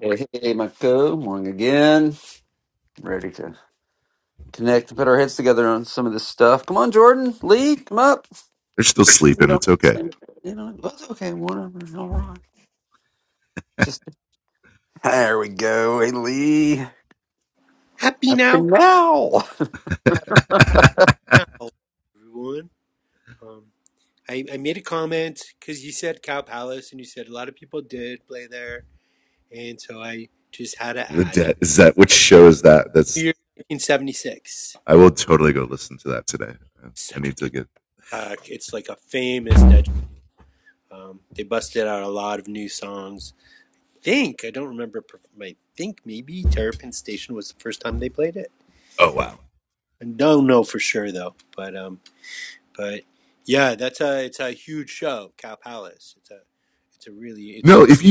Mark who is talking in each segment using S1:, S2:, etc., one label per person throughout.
S1: Hey, hey, Mako, morning again. Ready to connect and put our heads together on some of this stuff. Come on, Jordan, Lee, come up. We don't, you know, that's okay, whatever, all right. Just there we go. Hey, Lee,
S2: happy
S1: up
S2: now?
S1: and now.
S2: Happy now, everyone. Um, I, I made a comment because you said Cow Palace and you said a lot of people did play there, and so I just had to add New Year's 1976. Such a good track. It's like a famous dead. Um, they busted out a lot of new songs. I think I don't remember. per- I think maybe Terrapin Station was the first time they played it. I don't know for sure though, but um. But yeah, that's a it's a huge show, Cow Palace. It's a it's a really it's it's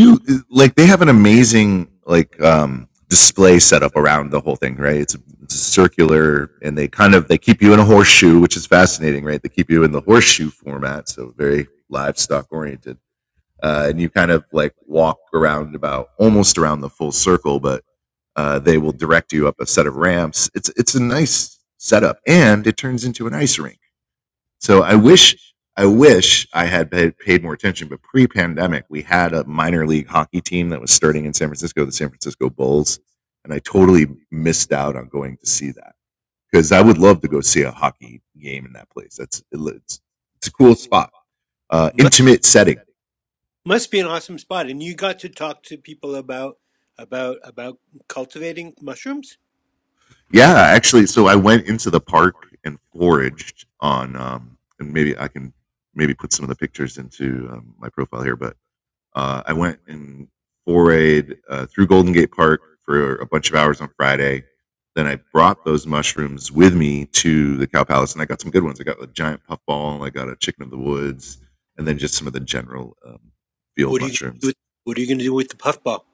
S2: must must be an awesome spot. And you got to talk to people about about about cultivating mushrooms. What are you gonna do with, what are you going to do with the puffball?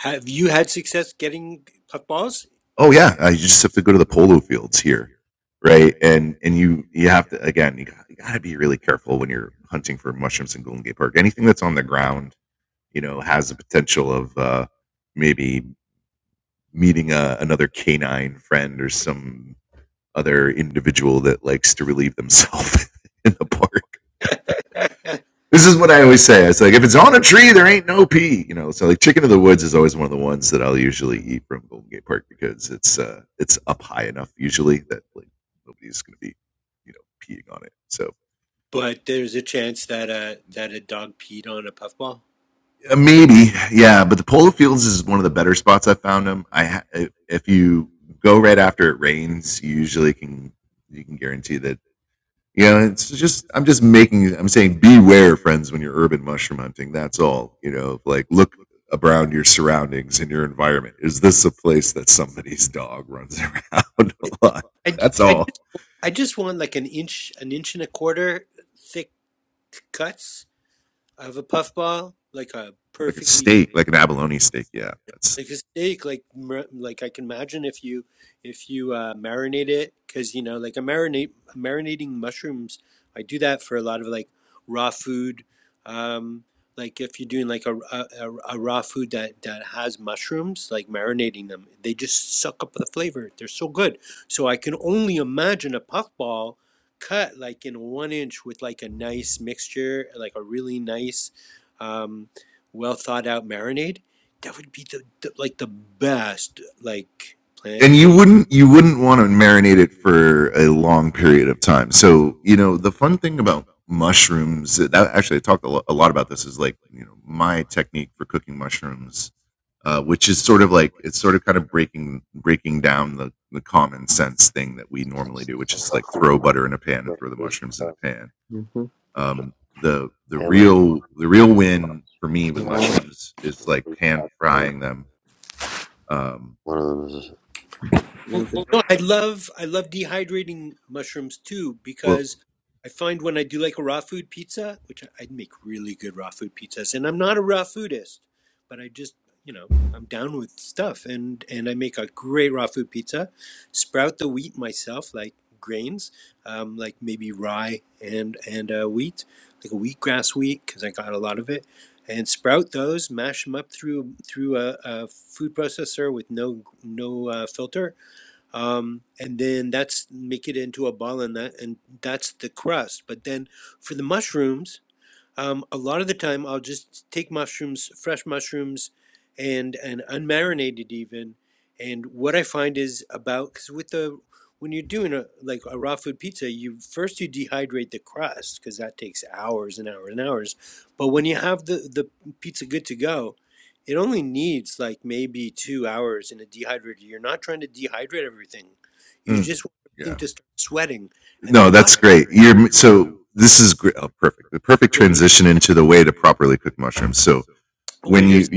S2: Have you had success getting puffballs? But there's a chance that a that a dog peed on a puffball. I, I, I just I just want like an inch an inch and a quarter thick cuts of a puffball, like a perfectly Like a steak, like mar- like I can imagine if you if you uh, marinate it, because you know, like a marinate marinating mushrooms. I do that for a lot of like raw food. Um, like if you're doing like a, a a a raw food that that has mushrooms, like marinating them, they just suck up the flavor. They're so good. So I can only imagine a puffball cut like in one inch with like a nice mixture, like a really nice, um, well thought out marinade that would be the, the like the best like plant-based
S3: Okay. Great. This uh, Mm-hmm. it's just him and Yeah. one one of them is. No
S2: Well, you know, I love I love dehydrating mushrooms too because I find when I do like a raw food pizza, which I, I make really good raw food pizzas, and I'm not a raw foodist, but I just you know I'm down with stuff, and and I make a great raw food pizza. Sprout the wheat myself, like grains, um, like maybe rye and and uh, wheat, like a wheatgrass wheat because I got a lot of it. And sprout those, mash them up through through a, a food processor with no no uh, filter, um, and then that's make it into a ball and that and that's the crust but then for the mushrooms um, a lot of the time, I'll just take mushrooms, fresh mushrooms, and and unmarinated even. And what I find is about because with the when you're doing a like a raw food pizza, you first you dehydrate the crust because that takes hours and hours and hours. But when you have the the pizza good to go, it only needs like maybe two hours in a dehydrator. You're not trying to dehydrate everything. You just want everything to start sweating, and the mush when they well here's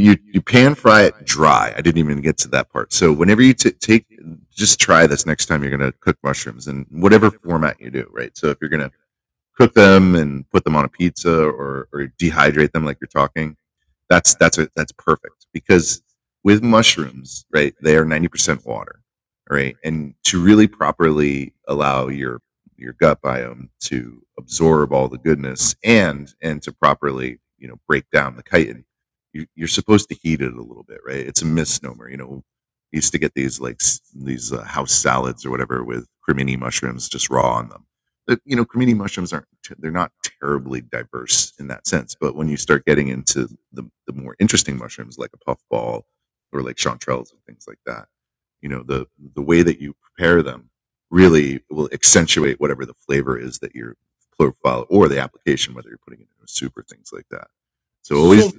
S2: so much.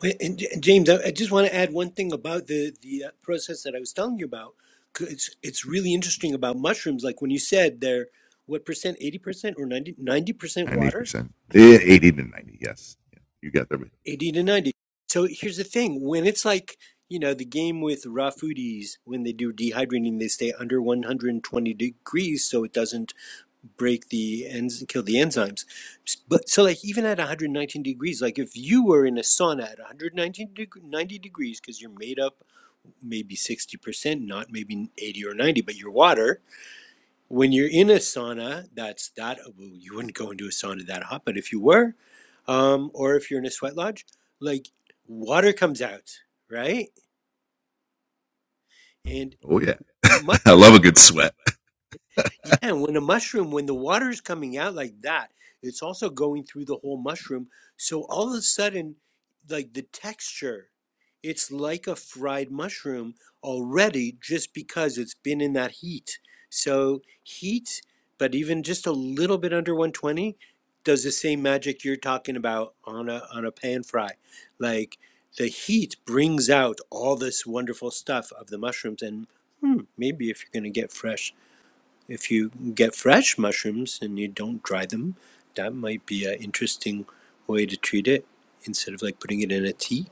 S2: Wait, And J- James, I I just want to add one thing about the the uh, process that I was telling you about. 'Cause It's it's really interesting about mushrooms. Like when you said they're what percent, eighty percent or ninety ninety percent water, eighty to ninety. So here's the thing: when it's like you know the game with raw foodies, when they do dehydrating, they stay under one hundred and twenty degrees, so it doesn't break the ends and kill the enzymes. But so like even at one hundred nineteen degrees, like if you were in a sauna at one hundred nineteen deg- ninety degrees, because you're made up maybe 60%, not maybe 80 or 90, but your water. When you're in a sauna, that's that. well, You wouldn't go into a sauna that hot, but if you were, um, or if you're in a sweat lodge, like water comes out, right? And mushrooms Yeah, and when a mushroom, when the water is coming out like that, it's also going through the whole mushroom. So all of a sudden, like the texture, it's like a fried mushroom already just because it's been in that heat. So heat, but even just a little bit under 120 does the same magic you're talking about on a on a pan fry. Like the heat brings out all this wonderful stuff of the mushrooms and hmm, maybe if you're going to get fresh if you get fresh mushrooms and you don't dry them, that might be an interesting way to treat it instead of like putting it in a tea.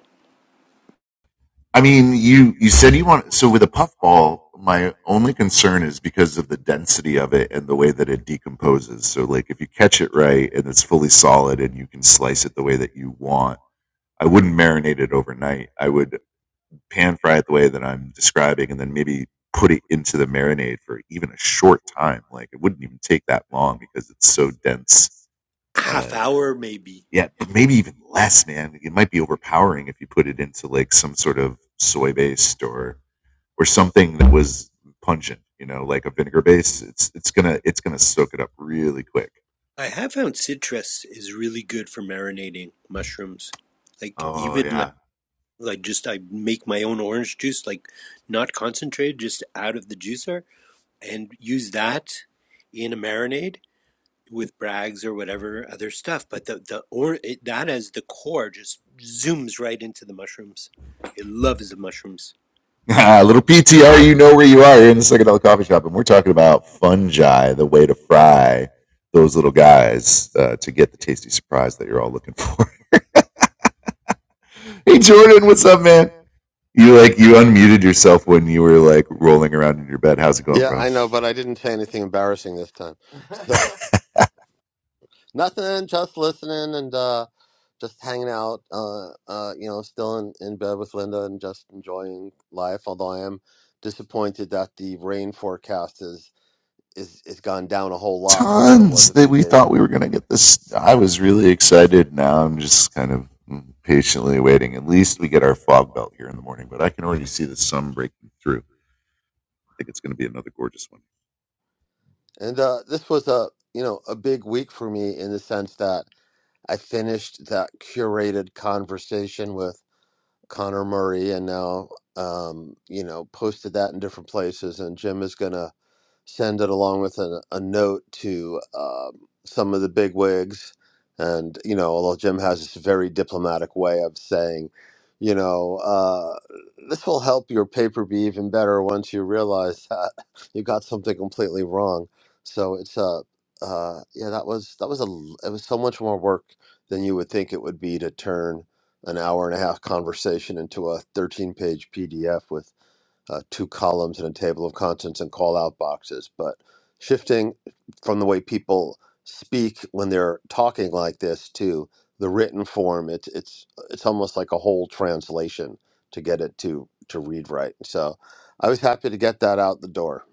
S2: Half hour maybe. I have found citrus is really good for marinating mushrooms. Like even like like just I make my own orange juice, like not concentrated, just out of the juicer, and use that in a marinade. with Brags or whatever other stuff, but the the or it, that as the core just zooms right into the mushrooms. It loves the mushrooms.
S3: Yeah, I know, but I didn't say anything embarrassing this time. So nothing, just listening and uh, just hanging out. Uh, uh, you know, still in, in bed with Linda and just enjoying life. Although I am disappointed that the rain forecast is is is gone down a whole lot from what it was a few days ago. And uh, this was a you know a big week for me in the sense that. I finished that curated conversation with Connor Murray and now um, you know posted that in different places and Jim is gonna send it along with a, a note to um, some of the big wigs. And, you know, although Jim has this very diplomatic way of saying, you know, uh, this will help your paper be even better once you realize that you got something completely wrong. So it's a, uh, uh, yeah, that was, that was a, l- it was so much more work than you would think it would be to turn an hour and a half conversation into a 13 page PDF with uh, two columns and a table of contents and call out boxes. But shifting from the way people speak when they're talking like this to the written form, it's it's it's almost like a whole translation to get it to to read right. So I was happy to get that out the door.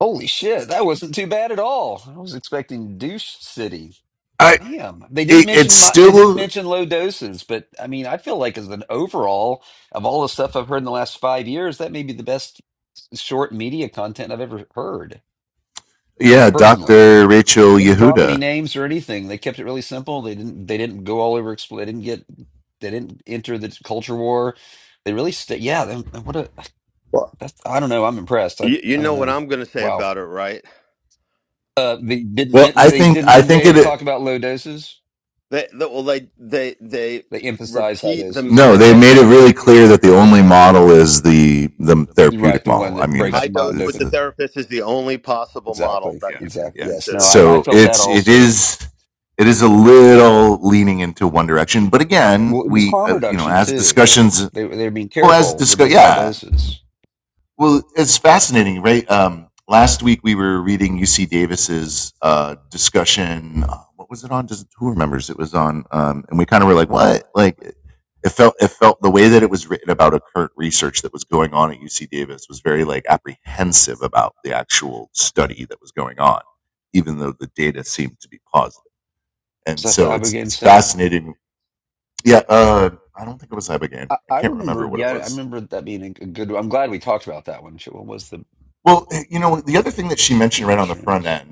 S1: Holy shit, that wasn't too bad at all. I was expecting douche city. Damn, they didn't mention my, they didn't mention low doses, but I mean, I feel like as an overall of all the stuff I've heard in the last five years, that may be the best short media content I've ever heard. personally. They didn't drop any names or anything. They kept it really simple. They didn't they didn't go all over expl- they didn't get they didn't enter the culture war. They really stayed yeah, they, what a
S3: Well,
S1: that's I don't know, I'm impressed. I
S3: you, you
S1: I don't
S3: know what
S1: know.
S3: I'm going to say
S1: Wow.
S3: about it, right?
S1: Uh they didn't they didn't they didn't talk about low doses.
S3: They, they well, they they they
S1: They emphasize high
S3: repeat them.
S1: doses.
S3: They, they,
S1: Right, the one that breaks the
S3: high
S1: mind
S3: dose with the
S1: open.
S3: therapist is the only possible model
S1: Exactly.
S3: that you can
S1: Exactly. Yes. No,
S3: consider.
S1: I, I felt that also. Well, it was harm reduction too. They they're being careful with those high doses. Is that the Ibogaine said? I, I remembered. Yeah, I remember that being a good. I'm glad we talked about that one. Shit, What was the mushrooms?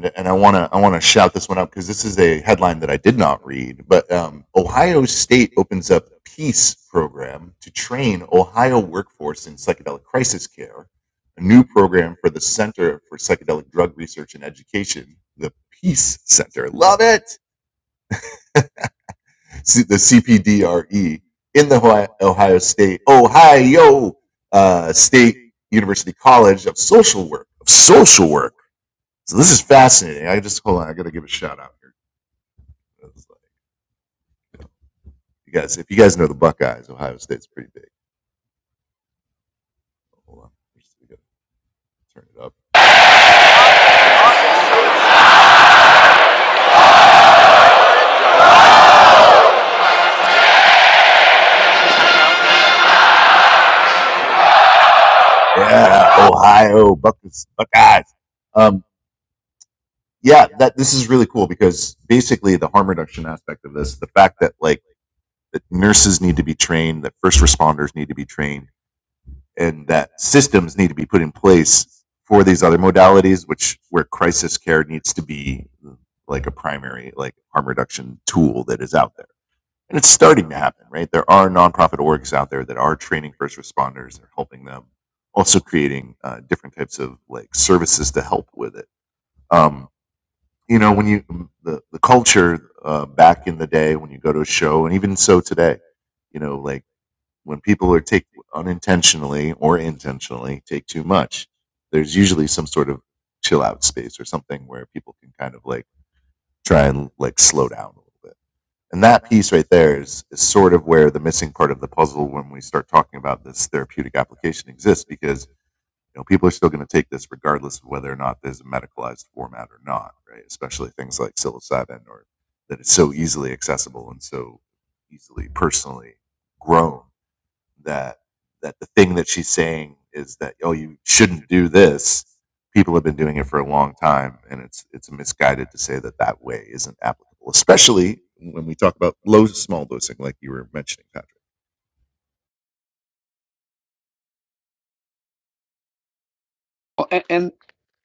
S1: Well, and, and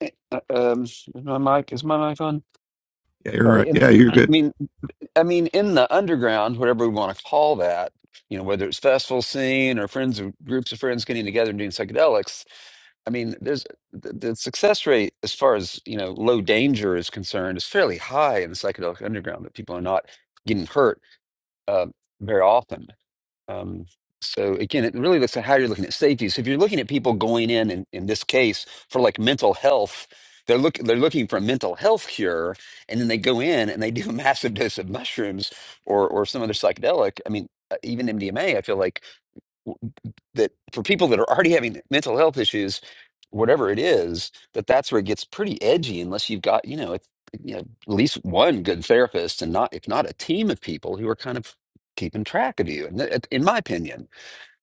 S1: eh, uh, um, is my mic is my mic on? Sorry. And, I mean, I mean, in the underground, whatever we want to call that, you know, whether it's festival scene or friends or groups of friends getting together and doing psychedelics. I mean, there's the, the success rate as far as you know, low danger is concerned, is fairly high in the psychedelic underground that people are not getting hurt uh, very often. Um, so again, it really looks at how you're looking at safety. So if you're looking at people going in, in, in this case for like mental health, they're look they're looking for a mental health cure, and then they go in and they do a massive dose of mushrooms or or some other psychedelic. I mean, uh, even MDMA. I feel like that for people that are already having mental health issues, whatever it is, that that's where it gets pretty edgy unless you've got, you know, it, you know, at least one good therapist and not, if not a team of people who are kind of keeping track of you. And that- in my opinion,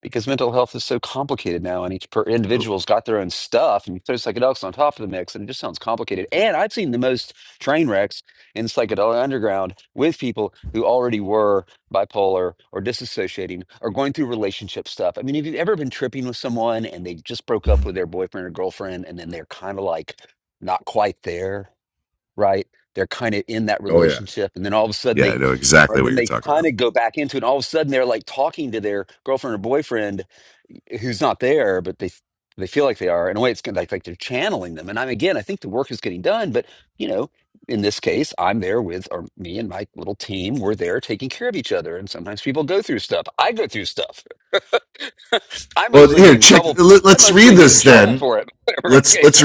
S1: because mental health is so complicated now, and each per- individual's got their own stuff, and you throw psychedelics on top of the mix, and it just sounds complicated. And I've seen the most train wrecks in psychedelic underground with people who already were bipolar or disassociating or going through relationship stuff. I mean, have you ever been tripping with someone and they just broke up with their boyfriend or girlfriend, and then they're kind of like not quite there? right? They're kind of in that relationship, and then all of a sudden they, or then they kind of go back into it. And all of a sudden they're like talking to their girlfriend or boyfriend, who's not there, but they they feel like they are. In a way, it's kind of like, like they're channeling them. And I'm again, I think the work is getting done, but you know, in this case, I'm there with or me and my little team. We're there taking care of each other. And sometimes people go through stuff. I go through stuff. I mostly get in trouble. I mostly get in trouble for it. Whatever the case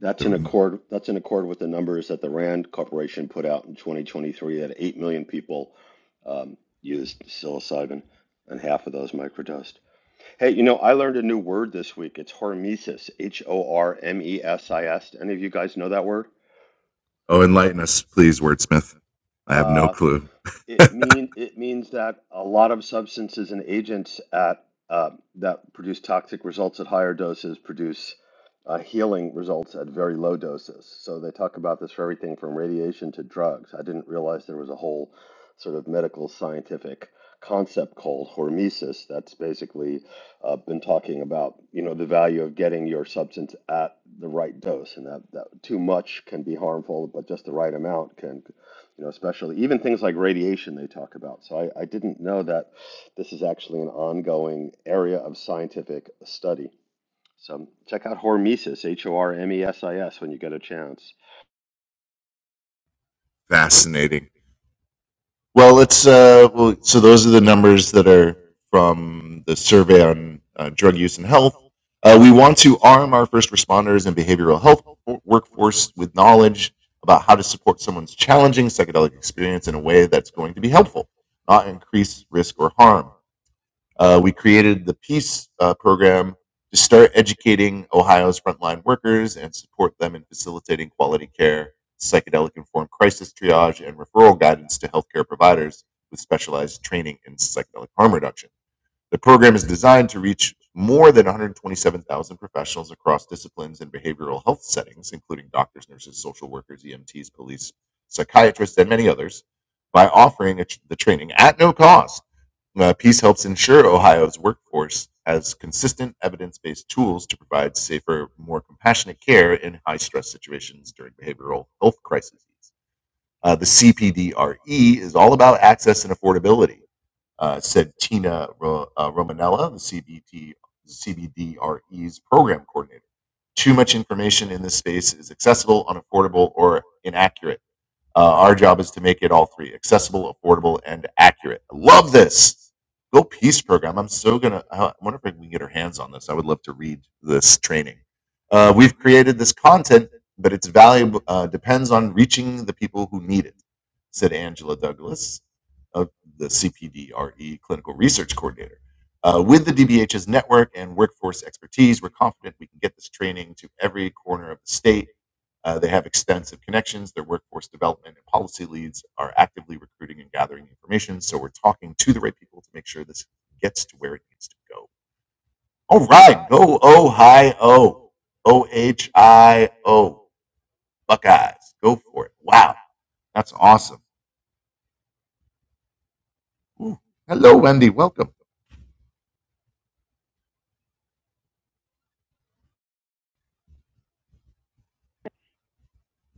S3: That's in accord that's in accord with the numbers that the RAND Corporation put out in 2023 that 8 million people um, used psilocybin and half of those microdosed. Hey, you know, I learned a new word this week. It's hormesis, H O R M E S I S. Any of you guys know that word? Uh, it mean it means that a lot of substances and agents at uh, that produce toxic results at higher doses produce uh, healing results at very low doses. So they talk about this for everything from radiation to drugs. I didn't realize there was a whole sort of medical scientific concept called hormesis that's basically uh, been talking about you know the value of getting your substance at the right dose and that, that too much can be harmful but just the right amount can you know, especially even things like radiation they talk about. So I, I didn't know that this is actually an ongoing area of scientific study. So check out hormesis, H-O-R-M-E-S-I-S, when you get a chance.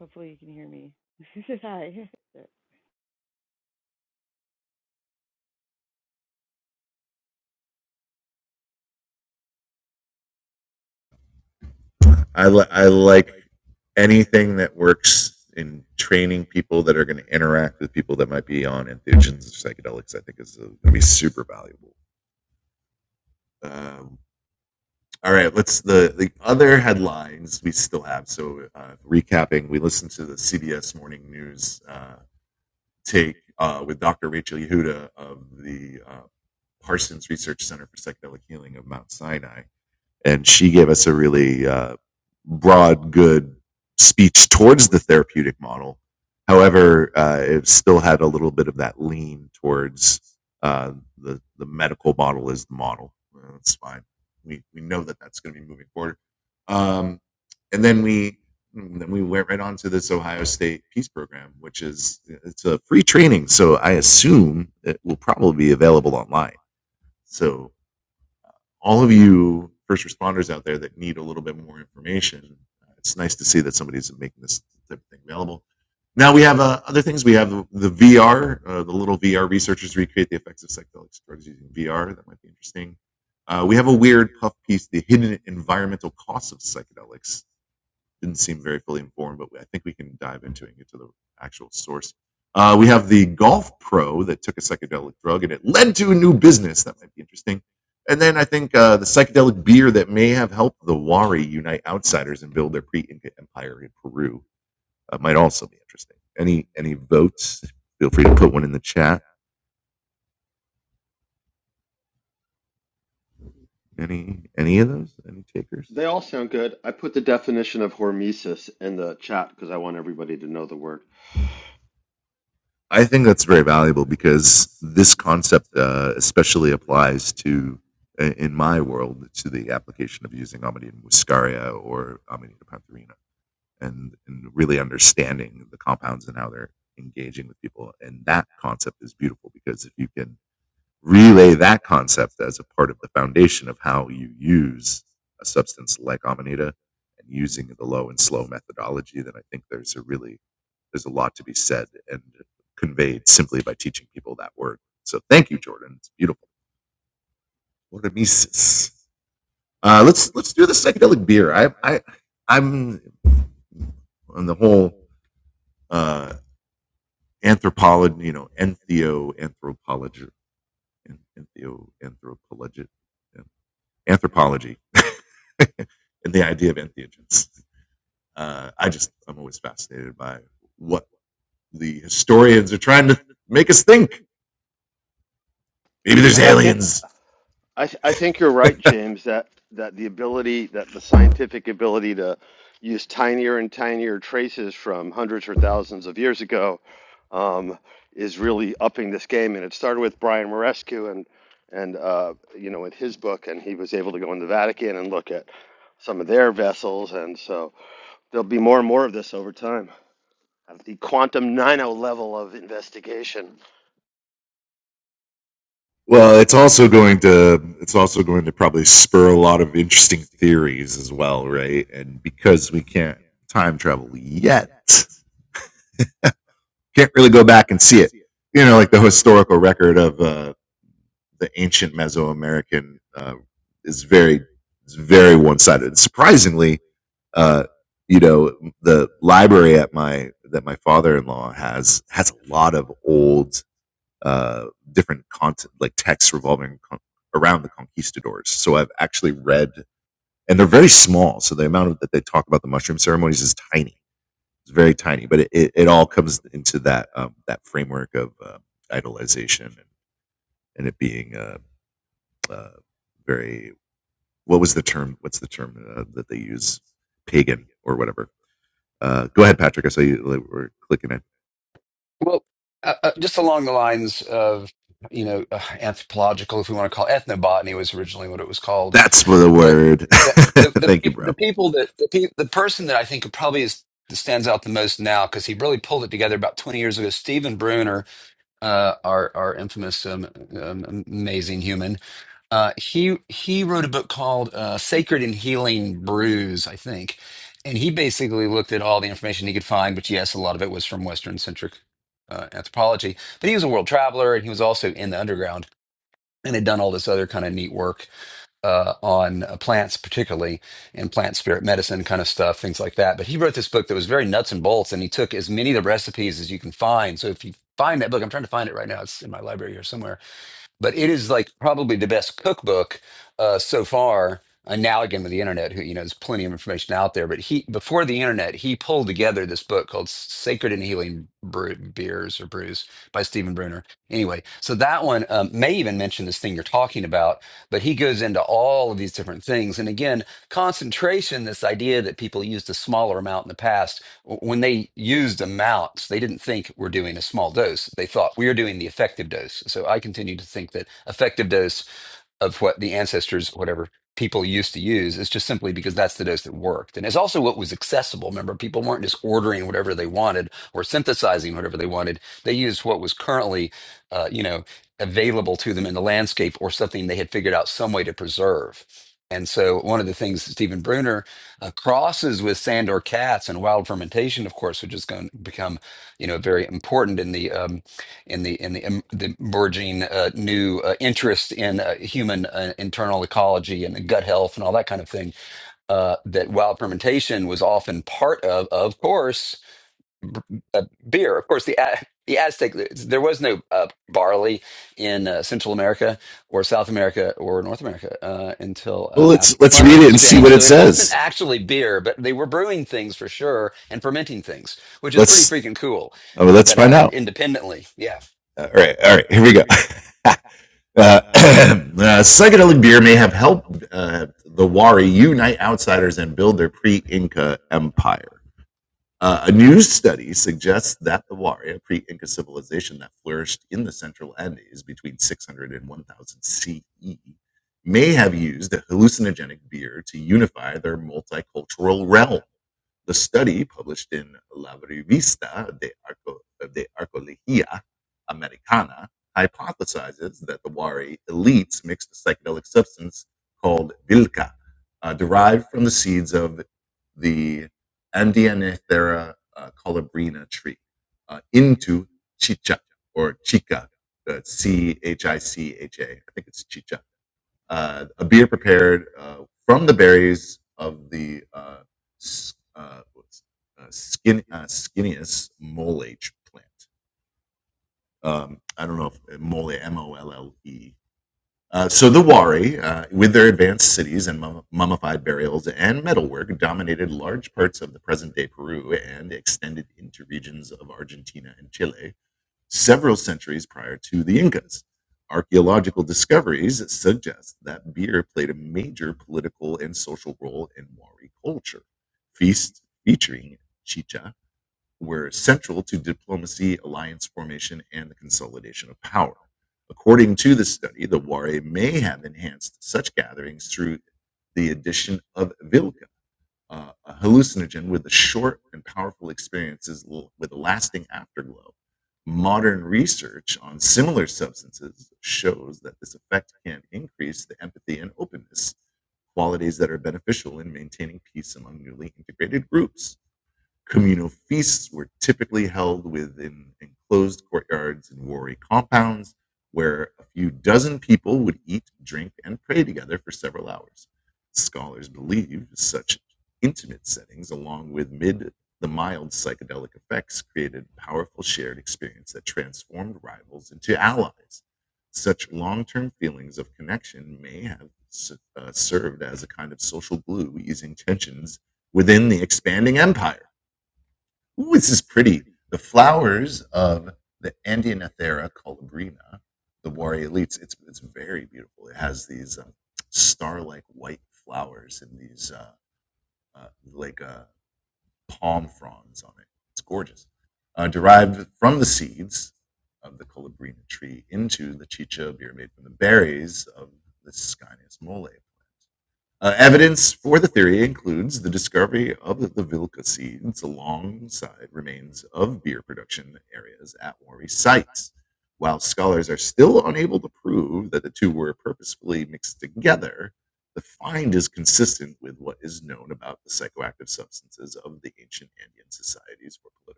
S4: Hopefully you can hear me. Hi.
S3: They all sound good. I put the definition of hormesis in the chat because I want everybody to know the word. Yeah, I think. I th I think you're right, James, that that the ability that the scientific ability to use tinier and tinier traces from hundreds or thousands of years ago um, is really upping this game. And it started with Brian Marescu and and uh, you know with his book, and he was able to go in the Vatican and look at some of their vessels. And so there'll be more and more of this over time at the quantum nano level of investigation.
S1: Well, uh, uh, just along the lines of, you know, uh, anthropological, if we want to call it, ethnobotany was originally what it was called. But the the the, peop the people that the pe- the person that I think probably is stands out the most now because he really pulled it together about 20 years ago. Stephen Bruner, uh, our our infamous um, um, amazing human, uh, he he wrote a book called uh, "Sacred and Healing Brews," I think, and he basically looked at all the information he could find. But yes, a lot of it was from Western centric uh, anthropology. But he was a world traveler, and he was also in the underground and had done all this other kind of neat work uh, on uh, plants, particularly and plant spirit medicine kind of stuff, things like that. But he wrote this book that was very nuts and bolts, and he took as many of the recipes as you can find. So if you find that book, I'm trying to find it right now. It's in my library here somewhere but it is like probably the best cookbook uh, so far. And now again with the internet, who you know, there's plenty of information out there. But he before the internet, he pulled together this book called "Sacred and Healing Brew, Beers" or "Brews" by Stephen Bruner. Anyway, so that one um, may even mention this thing you're talking about, but he goes into all of these different things. And again, concentration, this idea that people used a smaller amount in the past when they used amounts, they didn't think we're doing a small dose. They thought we are doing the effective dose. So I continue to think that effective dose of what the ancestors, whatever people used to use, is just simply because that's the dose that worked. And it's also what was accessible. Remember, people weren't just ordering whatever they wanted or synthesizing whatever they wanted. They used what was currently, uh, you know, available to them in the landscape or something they had figured out some way to preserve. And so, one of the things Stephen Bruner uh, crosses with Sandor Katz and wild fermentation, of course, which is going to become, you know, very important in the um, and the and the, em- the emerging uh, new uh, interest in uh, human uh, internal ecology and gut health and all that kind of thing uh, that wild fermentation was often part of of course b- uh, beer of course the A- the Aztec there was no uh, barley in uh, Central America or South America or North America uh, until uh, after the Columbian Exchange so it wasn't actually beer but they were brewing things for sure and fermenting things which is pretty freaking cool that that happened independently yeah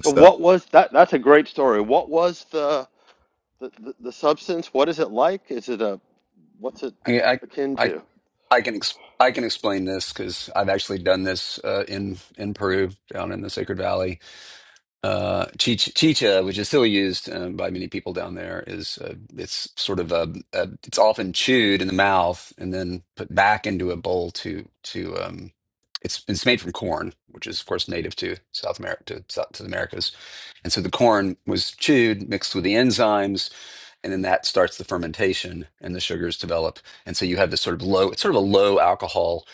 S3: So what was that? That's a great story. What was the The, the the substance, what is it like? Is it a what's it
S1: I I
S3: akin
S1: I,
S3: to?
S1: I can ex I can explain this because I've actually done this uh, in in Peru, down in the Sacred Valley. Uh, chich chicha, which is still used um, by many people down there, is uh, it's sort of a, a it's often chewed in the mouth and then put back into a bowl to to um, it's it's made from corn, which is of course native to South America to, South, to the Americas, and so the corn was chewed, mixed with the enzymes and then that starts the fermentation and the sugars develop and so you have this sort of low it's sort of a low alcohol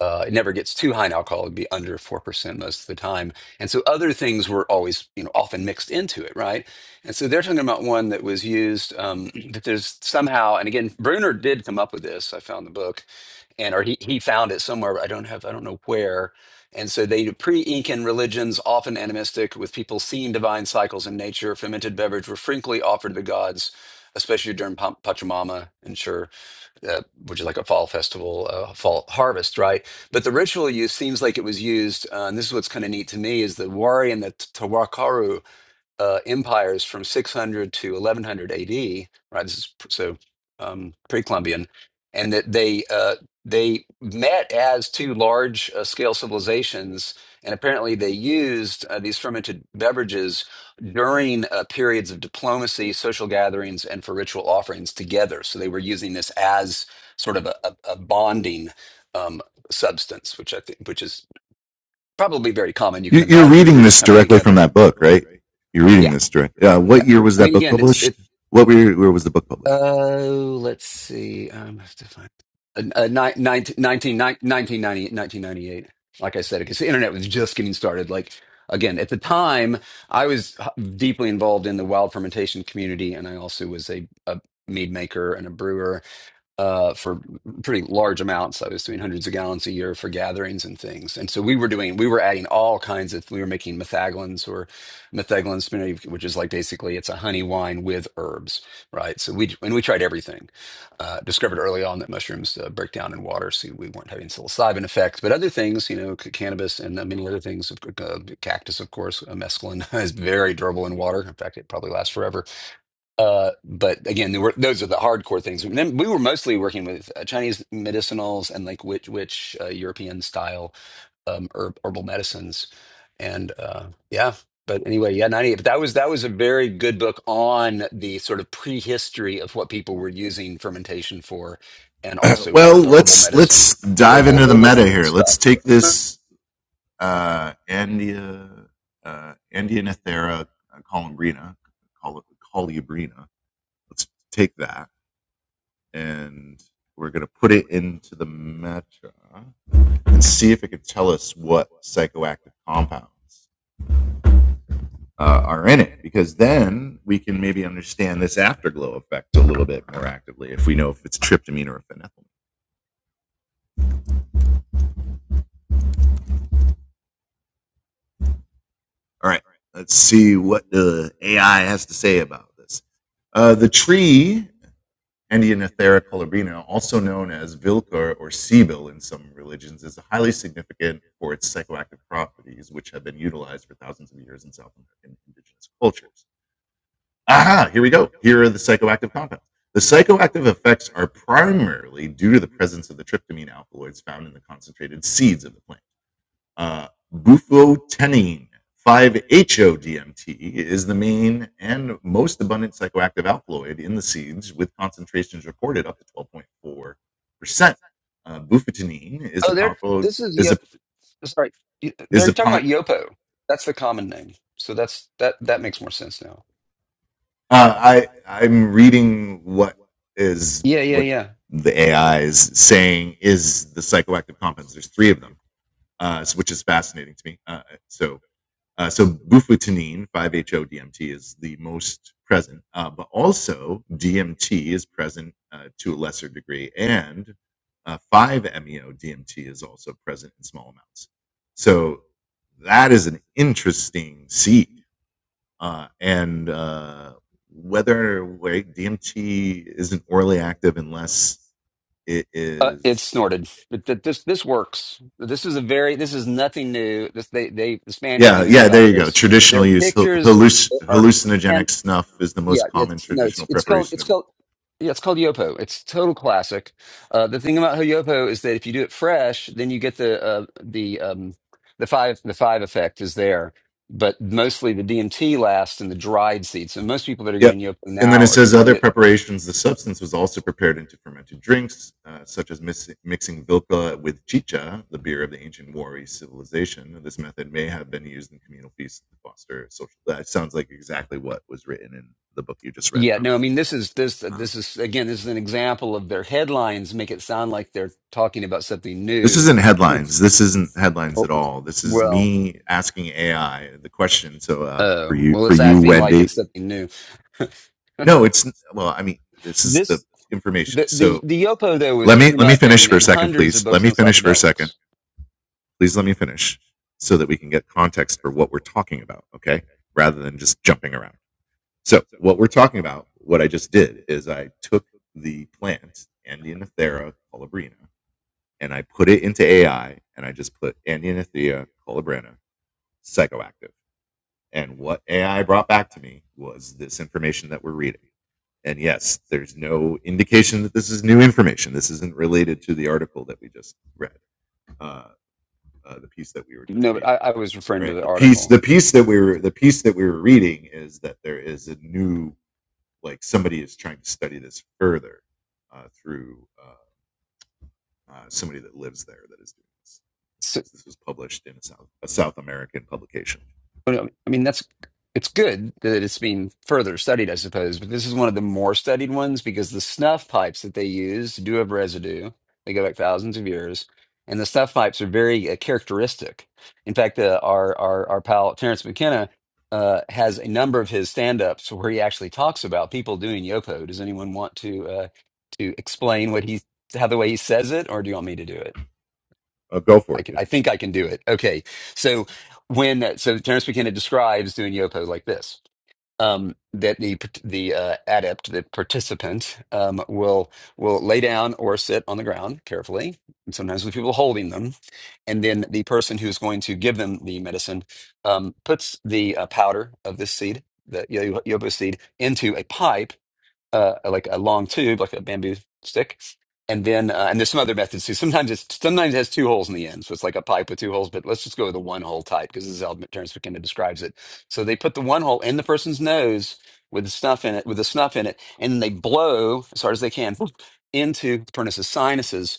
S1: uh, it never gets too high in alcohol it'd be under 4% most of the time and so other things were always you know often mixed into it right and so they're talking about one that was used um, that there's somehow and again bruner did come up with this i found the book and or he, he found it somewhere but i don't have i don't know where and so they pre-incan religions often animistic with people seeing divine cycles in nature fermented beverage were frequently offered to the gods especially during Pam- Pachamama, and sure, uh, which is like a fall festival, uh, fall harvest, right? But the ritual use seems like it was used, uh, and this is what's kind of neat to me, is the Wari and the Tawakaru uh, empires from 600 to 1100 AD, right? This is pr- so um, pre-Columbian, and that they uh, they met as two large uh, scale civilizations, and apparently they used uh, these fermented beverages during uh, periods of diplomacy, social gatherings, and for ritual offerings together. So they were using this as sort of a, a, a bonding. Um, substance which i think which is probably very common you can imagine groups coming together yeah yeah. I mean, again, it's it. Uh, let's see. Um, I have to find uh, uh, ni- 19, nineteen nine- nineteen ninety nineteen ninety-eight. Like I said, because the internet was just getting started. Like again, at the time, I was h- deeply involved in the wild fermentation community, and I also was a, a mead maker and a brewer uh, for pretty large amounts. I was doing hundreds of gallons a year for gatherings and things. And so we were doing, we were adding all kinds of, we were making metheglins or metheglins, you which is like basically it's a honey wine with herbs, right? So we, and we tried everything. Uh, discovered early on that mushrooms uh, break down in water, so we weren't having psilocybin effects, but other things, you know, c- cannabis and uh, many other things, of c- uh, cactus, of course, uh, mescaline is very durable in water. In fact, it probably lasts forever uh, but again, there were, those are the hardcore things. And then we were mostly working with uh, Chinese medicinals and like which which uh, European style um, herb, herbal medicines, and uh, yeah. But anyway, yeah, ninety eight. But that was that was a very good book on the sort of prehistory of what people were using fermentation for, and also her- uh, herbal medicine, herbal herbal stuff. Oh, there. This is Yo- sorry. They're talking about yopo. That's the common name. So that's that that makes more sense now. Yeah, yeah, yeah. Uh, it's snorted. But th- this this works. This is a very this is nothing new. This they they the Spaniards even knew about this. Their pictures are and yeah, it's no, it's it's called it's called yeah, it's called yopo. It's total classic. Uh, the thing about yopo is that if you do it fresh, then you get the uh, the um, the five the five effect is there. But mostly the DMT lasts in the dried seeds. So most people that are getting yopo now are getting it Yeah, no, I mean this is this this is again this is an example of their headlines make it sound like they're talking about something new. Or- well, oh, well, it's acting like it's something new. This the the the yopo though is came up in in hundreds of books on psychedelics. No, but I, I was referring to the article. So, But, um, I mean, that's it's good that it's being further studied, I suppose. But this is one of the more studied ones because the snuff pipes that they use do have residue. They go back thousands of years, and the snuff pipes are very uh, characteristic. In fact, uh, our our our pal Terrence McKenna uh, has a number of his stand-ups where he actually talks about people doing yopo. Does anyone want to uh, to explain what he how the way he says it, or do you want me to do it? I, can, I think I can do it. Okay. So when so Terence McKenna describes doing yopo like this. Um, that the the uh, adept, the participant, um, will will lay down or sit on the ground carefully, and sometimes with people holding them, and then the person who's going to give them the medicine um, puts the uh, powder of this seed, the yo- yopo seed, into a pipe uh, like a long tube, like a bamboo stick, and then uh, and there's some other methods too. Sometimes it's sometimes it has two holes in the end, so it's like a pipe with two holes. But let's just go with the one hole type because this is how Terence McKenna describes it. So they put the one hole in the person's nose with the snuff in it, with the snuff in it, and then they blow as hard as they can into Pernus's sinuses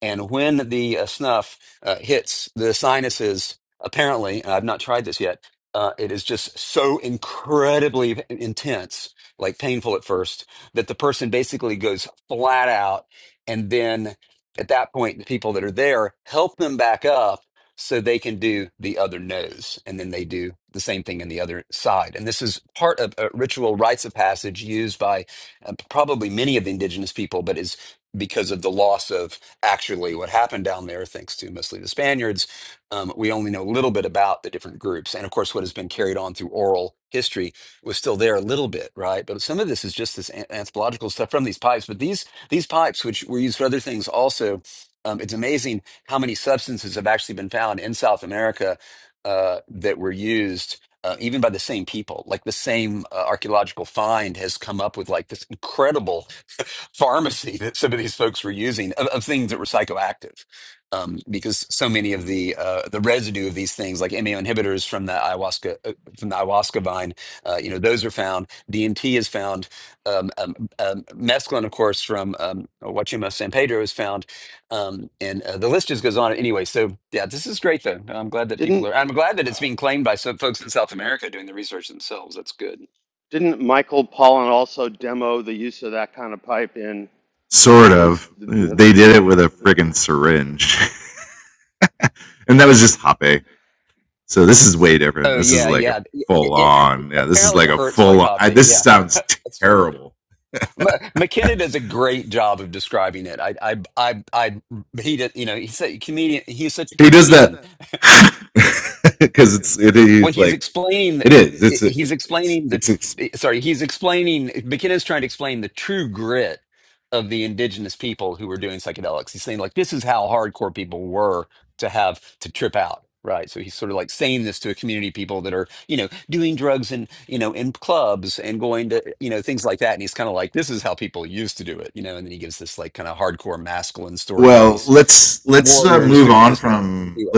S1: and when the uh, snuff uh, hits the sinuses, apparently, and I've not tried this yet, uh, it is just so incredibly in- intense, like painful at first, that the person basically goes flat out. And then at that point, the people that are there help them back up so they can do the other nose. And then they do the same thing in the other side. And this is part of a ritual rites of passage used by uh, probably many of the indigenous people, but is because of the loss of actually what happened down there, thanks to mostly the Spaniards. Um, we only know a little bit about the different groups. And of course, what has been carried on through oral history was still there a little bit, right? But some of this is just this an- anthropological stuff from these pipes. But these these pipes, which were used for other things also, um, it's amazing how many substances have actually been found in South America uh, that were used uh, even by the same people. Like the same uh, archaeological find has come up with like this incredible pharmacy that some of these folks were using of, of things that were psychoactive, um, because so many of the uh, the residue of these things, like MAO inhibitors from the ayahuasca uh, from the ayahuasca vine, uh, you know, those are found. DMT is found. Um, um, um, mescaline, of course, from um, Huachuma San Pedro is found, um, and uh, the list just goes on. Anyway, so yeah, this is great though. I'm glad that people
S3: Didn't
S1: are. I'm glad that it's being claimed by some folks in South America doing the research themselves. That's good.
S3: didn't Michael Pollan also demo the use of that kind of pipe in in his the, you know the, the, the
S1: Oh yeah, yeah. It, it apparently it hurts like hoppy. Yeah, that's funny. M- McKinnon does a great job of describing it. I, I, I, I. He did. You know, he's a comedian. He's such a comedian when he's explaining he's explaining the sorry he's explaining mckinnon trying to explain the true grit of the indigenous people who were doing psychedelics he's saying like this is how hardcore people were to have to trip out right so he's sort of like saying this to a community of people that are you know doing drugs and you know in clubs and going to you know things like that and he's kind of like this is how people used to do it you know and then he gives this like kind of hardcore masculine story about these warriors doing this thing anyway.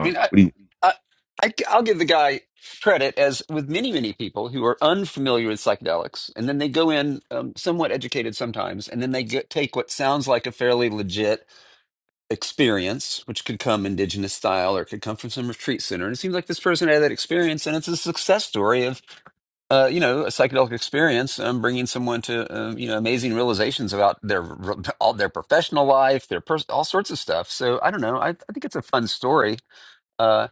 S1: I mean, I, I, I, will give the guy credit, as with many, many people who are unfamiliar with psychedelics, and then they go in um, somewhat educated sometimes, and then they get, take what sounds like a fairly legit experience, which could come indigenous style or could come from some retreat center. And it seems like this person had that experience, and it's a success story of, uh, you know, a psychedelic experience, um, bringing someone to, um, you know, amazing realizations about their all their professional life, their pers- all sorts of stuff. So I don't know. I, I think it's a fun story. Uh,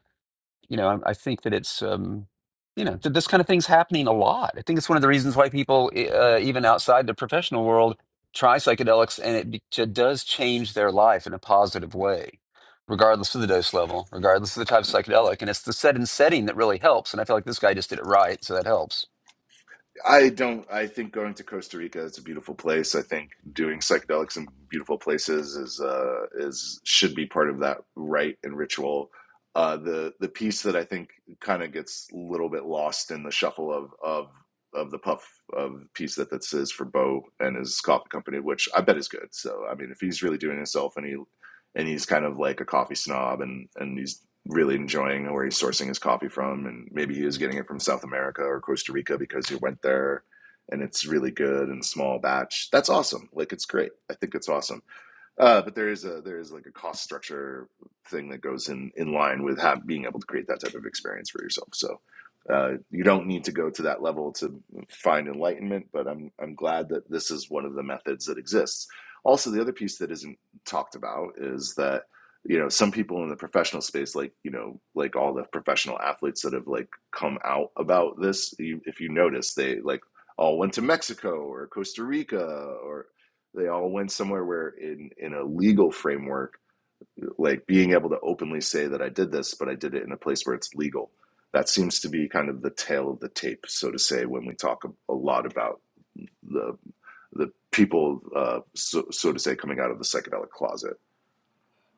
S1: you know, I, I think that it's, um, you know, th- this kind of thing's happening a lot. I think it's one of the reasons why people, e- uh, even outside the professional world, try psychedelics and it be- j- does change their life in a positive way, regardless of the dose level, regardless of the type of psychedelic. And it's the set and setting that really helps. And I feel like this guy just did it right, so that helps.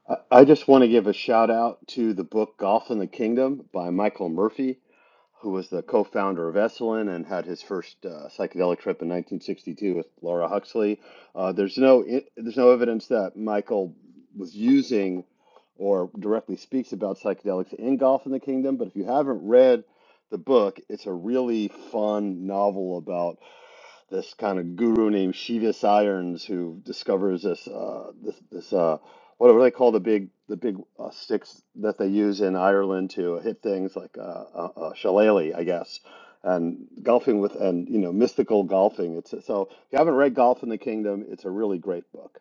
S3: I I just want to give a shout out to the book Golf in the Kingdom by Michael Murphy. who was the co-founder of Esalen and had his first uh, psychedelic trip in 1962 with Laura Huxley. Uh, there's no there's no evidence that Michael was using or directly speaks about psychedelics in Golf in the Kingdom, but if you haven't read the book, it's a really fun novel about this kind of guru named Shivis Irons who discovers this uh, this this. uh, whatever they call the big the big uh, sticks that they use in Ireland to hit things like uh, a, a shillelagh, I guess, and golfing with and you know mystical golfing. It's so if you haven't read Golf in the Kingdom, it's a really great book.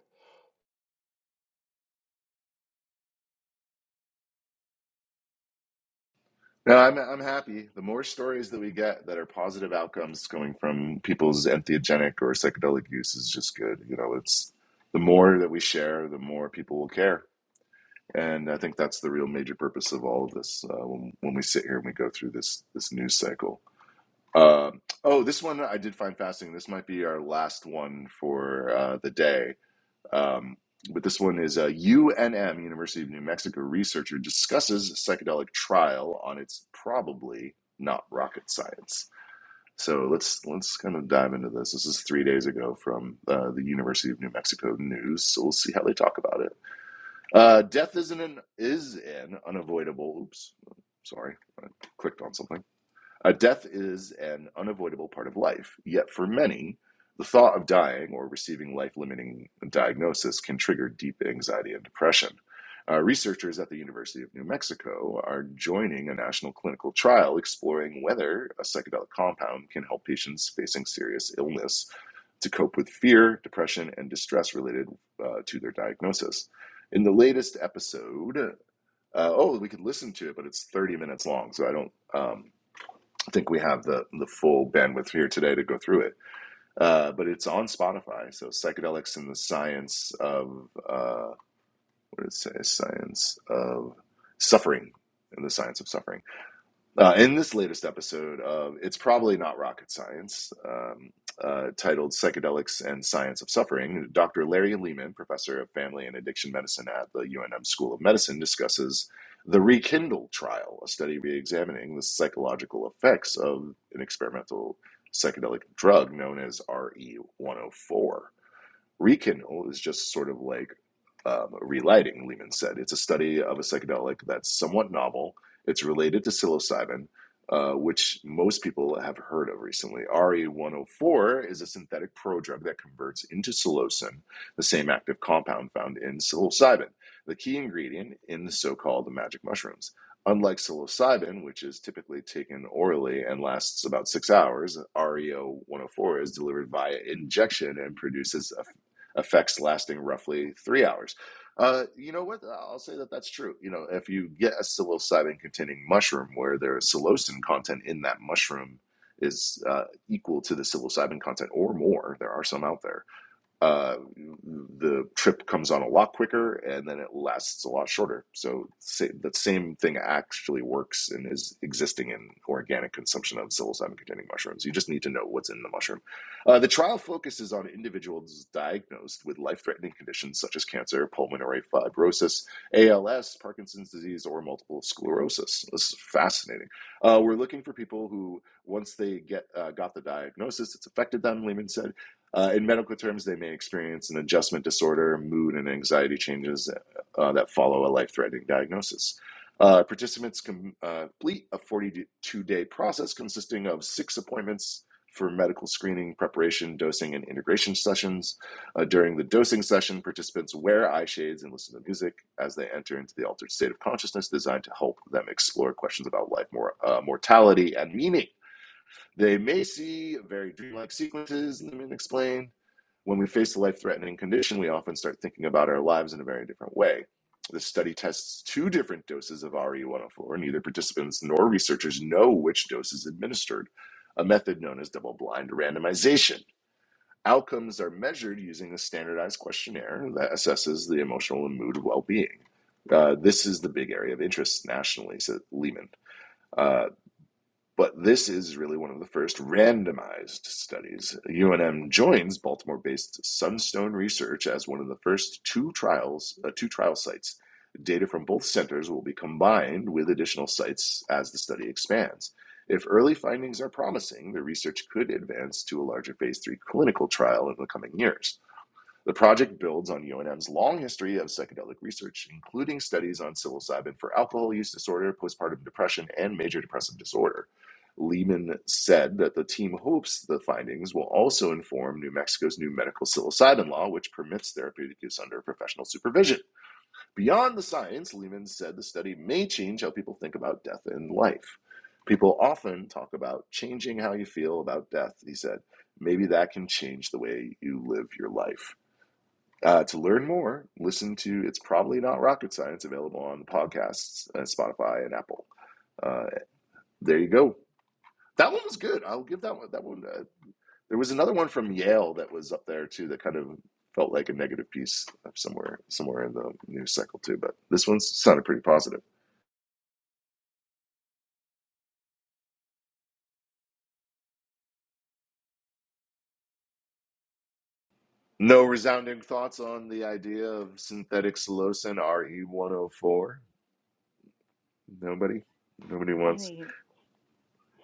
S4: I mean,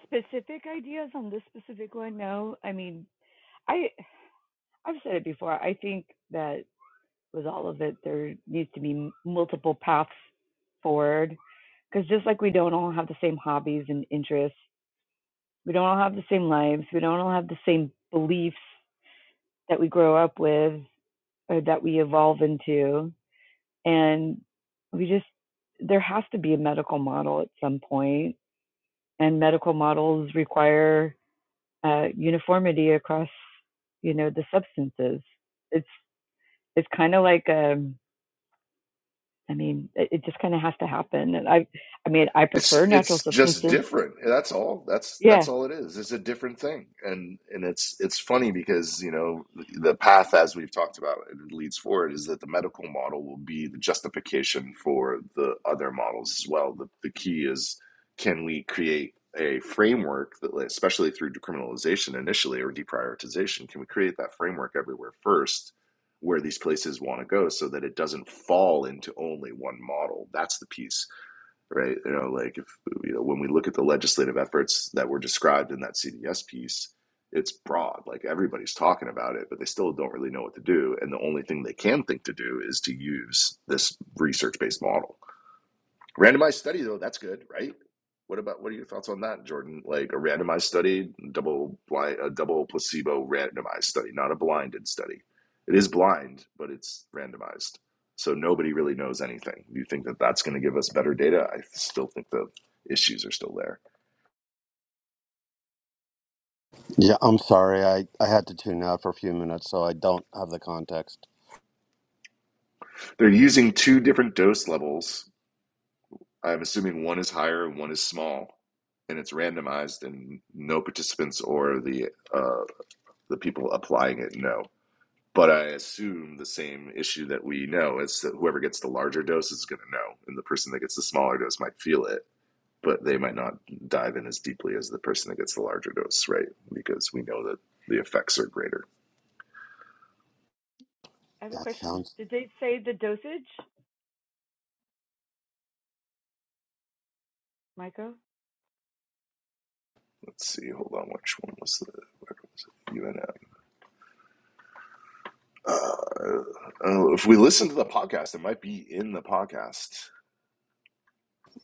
S4: specific ideas on this specific one? No. I mean, I I've said it before. I think that with all of it, there needs to be multiple paths forward. Because just like we don't all have the same hobbies and interests, we don't all have the same lives, we don't all have the same beliefs that we grow up with or that we evolve into, and we just there has to be a medical model at some point and medical models require uh, uniformity across you know the substances it's it's kind of like um i mean it, it just kind of has to happen and i i mean i prefer natural substances yeah
S3: Yeah, I'm sorry. I, I had to tune out for a few minutes, so I don't have the context.
S4: i have a
S3: That
S4: question
S3: sounds.
S4: did they say the dosage michael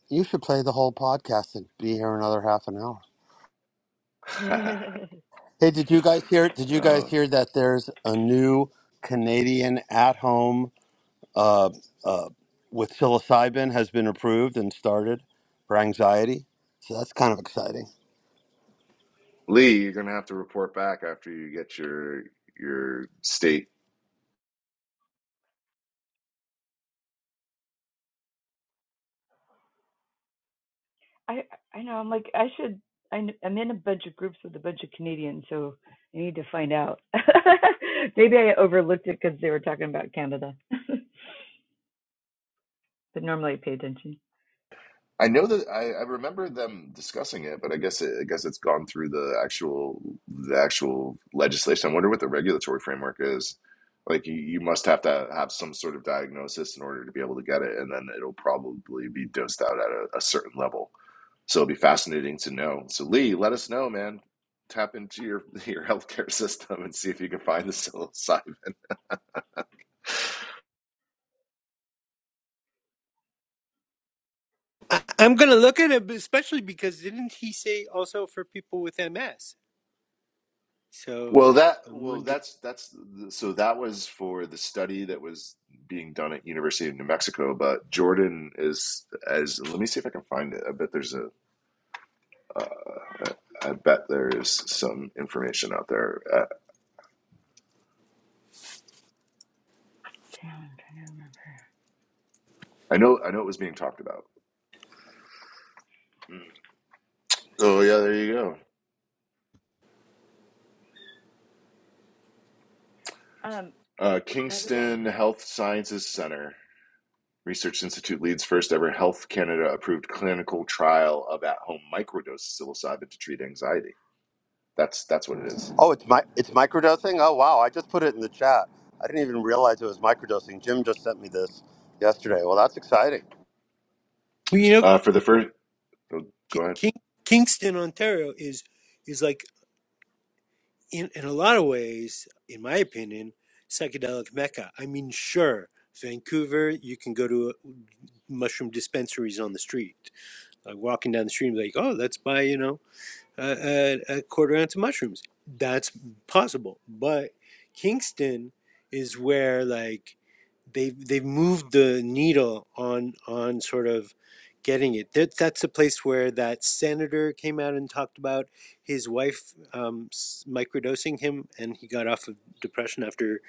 S3: You should play the whole podcast and be here another half an hour.
S4: i
S3: Hey, did you guys hear? Did you guys hear that there's a new Canadian at home? uh, uh, with psilocybin has been approved and started for anxiety. So that's kind of exciting.
S4: i know i'm like i should I, kn- i'm in a bunch of groups with a bunch of canadians so i need to find out maybe i overlooked it because they were talking about canada but normally i pay attention
S2: I, I'm gonna look at it, especially because didn't he say also for people with MS? So I'm wondering.
S4: town. I'm trying to remember. Um, by the way,
S3: Oh, it's my it's microdosing. Oh wow, I just put it in the chat. I didn't even realize it was microdosing. Jim just sent me this yesterday. Well, that's exciting.
S2: Well, you know, Ki- King, Kingston, Ontario is is like in in a lot of ways, in my opinion, psychedelic mecca. I mean, sure, Vancouver, you can go to uh mushroom dispensaries on the street Like walking down the street, and be like, oh, let's buy, you know, a, a, a quarter ounce of mushrooms. That's possible, but Kingston is where like they've they've moved the needle on on sort of getting it. That that's the place where that senator came out and talked about his wife um, microdosing him, and he got off of depression after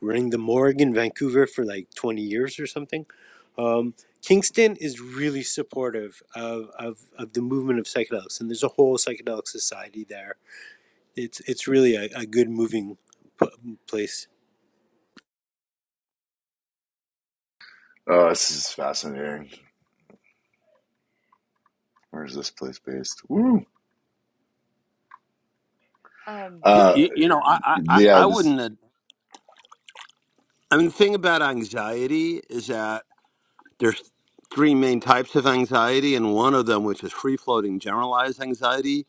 S2: running the morgue in Vancouver for like twenty years or something. Um, Kingston is really supportive of, of, of the movement of psychedelics, and there's a whole psychedelic society there. It's it's really a, a good moving p- place
S4: um,
S3: I I wouldn't. Have, I mean, the thing about anxiety is that there's three main types of anxiety, and one of them, which is free floating generalized anxiety,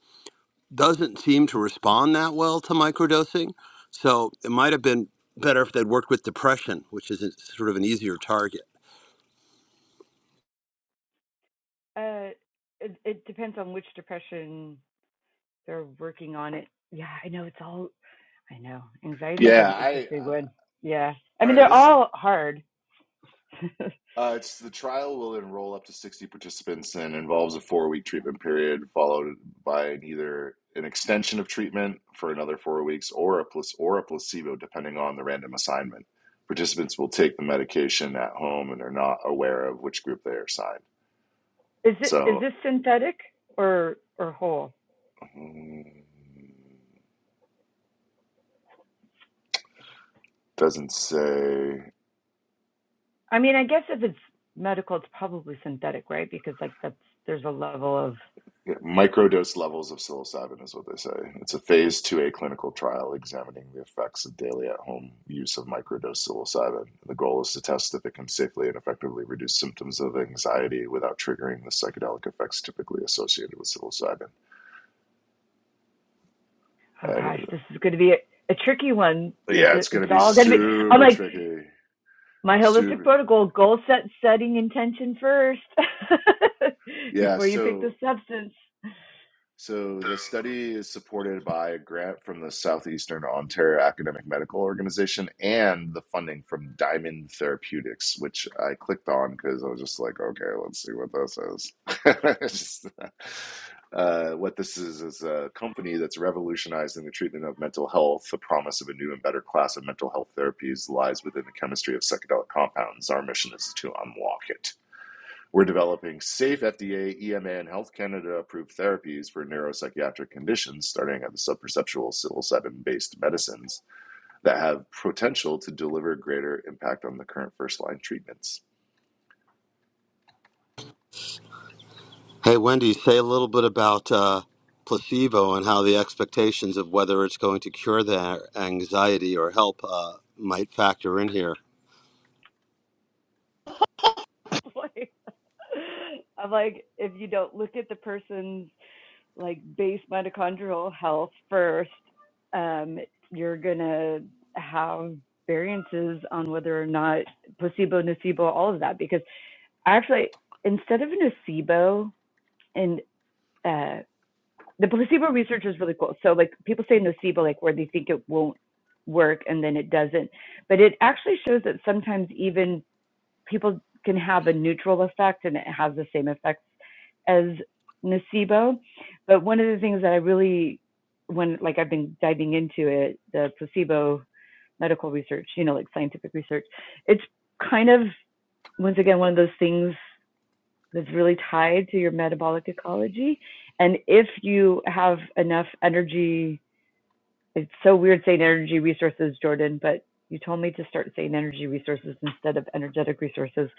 S3: doesn't seem to respond that well to microdosing. So it might have been better if they'd worked with depression, which is a, sort of an easier target.
S4: uh, it, it depends on which depression they're working on. It. Yeah, I know it's all. I know anxiety is an interesting one. Yeah, I mean they're all hard. is it is this synthetic or or whole? I mean, I guess if it's medical, it's probably synthetic, right? Because like that's there's a level of oh gosh, this is going to be a, a tricky one. It's all going to be. I'm like my holistic protocol goal set setting intention first before you pick the substance
S3: Hey, Wendy, say a little bit about uh, placebo and how the expectations of whether it's going to cure their anxiety or help uh, might factor in here.
S4: Like, I'm like, if you don't look at the person's like base mitochondrial health first, um, you're gonna have variances on whether or not placebo, nocebo, all of that. Because actually, instead of nocebo, and uh, the placebo research is really cool. So like people say nocebo, like where they think it won't work and then it doesn't, but it actually shows that sometimes even people can have a neutral effect and it has the same effects as nocebo. But one of the things that I really when like I've been diving into it, the placebo medical research, you know, like scientific research, it's kind of once again one of those things that's really tied to your metabolic ecology. And if you have enough energy, it's so weird saying energy resources, Jordan, but you told me to start saying energy resources instead of energetic resources.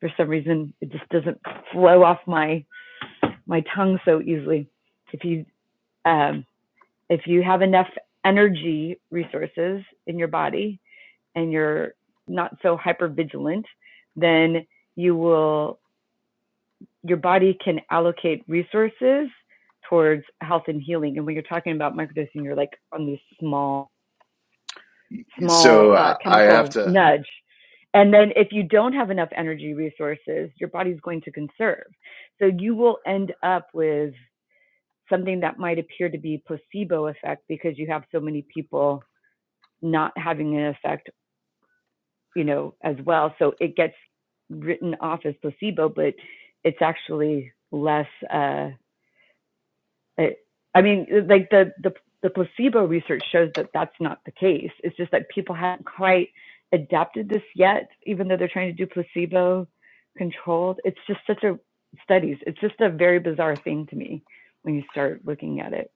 S4: For some reason, it just doesn't flow off my my tongue so easily. If you um, if you have enough energy resources in your body and you're not so hyper vigilant, then you will your body can allocate resources towards health and healing. And when you're talking about microdosing, you're like on these small, small uh, chemical nudge. And then if you don't have enough energy resources, your body's going to conserve. So you will end up with something that might appear to be placebo effect because you have so many people not having an effect, you know, as well. So it gets written off as placebo, but it's actually less. Uh, It, I mean, like the, the the placebo research shows that that's not the case. It's just that people haven't quite adapted this yet, even though they're trying to do placebo controlled. It's just such a studies. It's just a very bizarre thing to me when you start looking at it.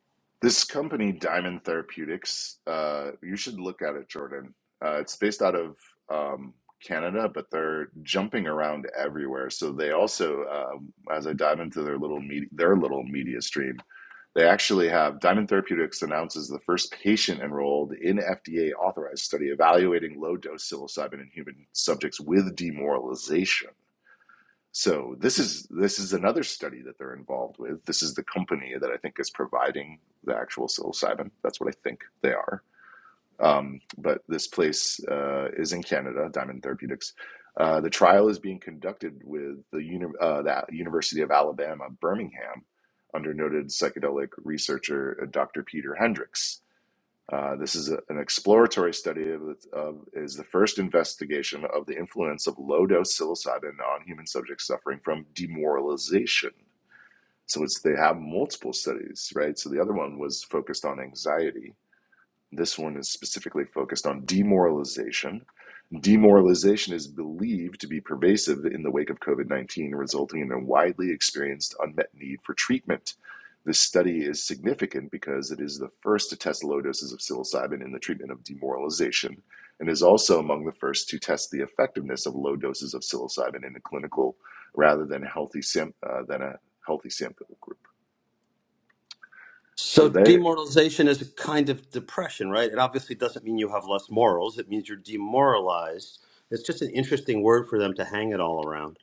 S3: So, demoralization is a kind of depression, right? It obviously doesn't mean you have less morals. It means you're demoralized. It's just an interesting word for them to hang it all around.